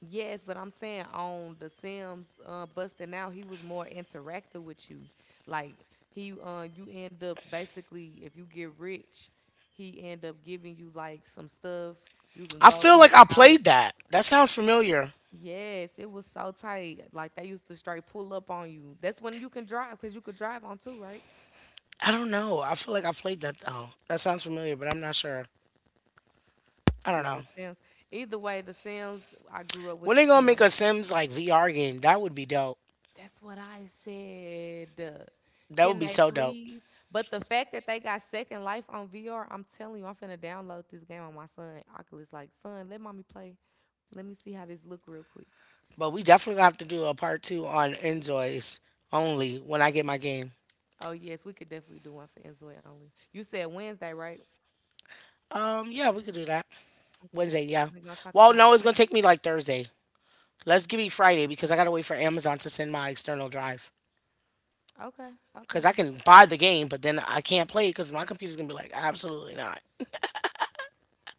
[SPEAKER 1] Yes, but I'm saying on the Sims busting out, he was more interactive with you. Like you end up basically if you get rich, he end up giving you like some stuff. You can
[SPEAKER 2] I
[SPEAKER 1] go
[SPEAKER 2] feel
[SPEAKER 1] to
[SPEAKER 2] like
[SPEAKER 1] his
[SPEAKER 2] I
[SPEAKER 1] house.
[SPEAKER 2] played that. That sounds familiar.
[SPEAKER 1] Yes, it was so tight. Like they used to straight pull up on you. That's when you can drive because you could drive on too, right?
[SPEAKER 2] I don't know. I feel like I played that though. That sounds familiar, but I'm not sure. I don't
[SPEAKER 1] Yeah,
[SPEAKER 2] know.
[SPEAKER 1] The Sims. Either way, The Sims. I grew up with
[SPEAKER 2] When
[SPEAKER 1] The
[SPEAKER 2] they gonna make
[SPEAKER 1] Sims.
[SPEAKER 2] a Sims like VR game, that would be dope.
[SPEAKER 1] That's what I said.
[SPEAKER 2] That would
[SPEAKER 1] Can
[SPEAKER 2] be
[SPEAKER 1] they
[SPEAKER 2] so dope.
[SPEAKER 1] please? But the fact that they got Second Life on VR, I'm telling you, I'm finna download this game on my son. Oculus, like, son, let mommy play. Let me see how this look real quick.
[SPEAKER 2] But we definitely have to do a part two on Enjoys only when I get my game.
[SPEAKER 1] Oh yes, we could definitely do one for Enzoy only. You said Wednesday, right?
[SPEAKER 2] Yeah, we could do that.
[SPEAKER 1] Okay,
[SPEAKER 2] Wednesday, yeah.
[SPEAKER 1] we're gonna talk
[SPEAKER 2] Well,
[SPEAKER 1] about
[SPEAKER 2] no,
[SPEAKER 1] it.
[SPEAKER 2] it's gonna take me like Thursday. Let's give me Friday because I gotta wait for Amazon to send my external drive.
[SPEAKER 1] Okay, okay.
[SPEAKER 2] Because I can buy the game, but then I can't play it because my computer's going to be like, absolutely not.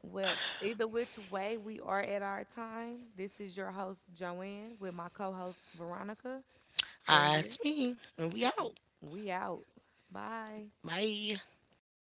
[SPEAKER 1] Well, either which way, we are at our time. This is your host Joanne with my co-host Veronica, and
[SPEAKER 2] It's me, and we out.
[SPEAKER 1] we out. Bye.
[SPEAKER 2] Bye.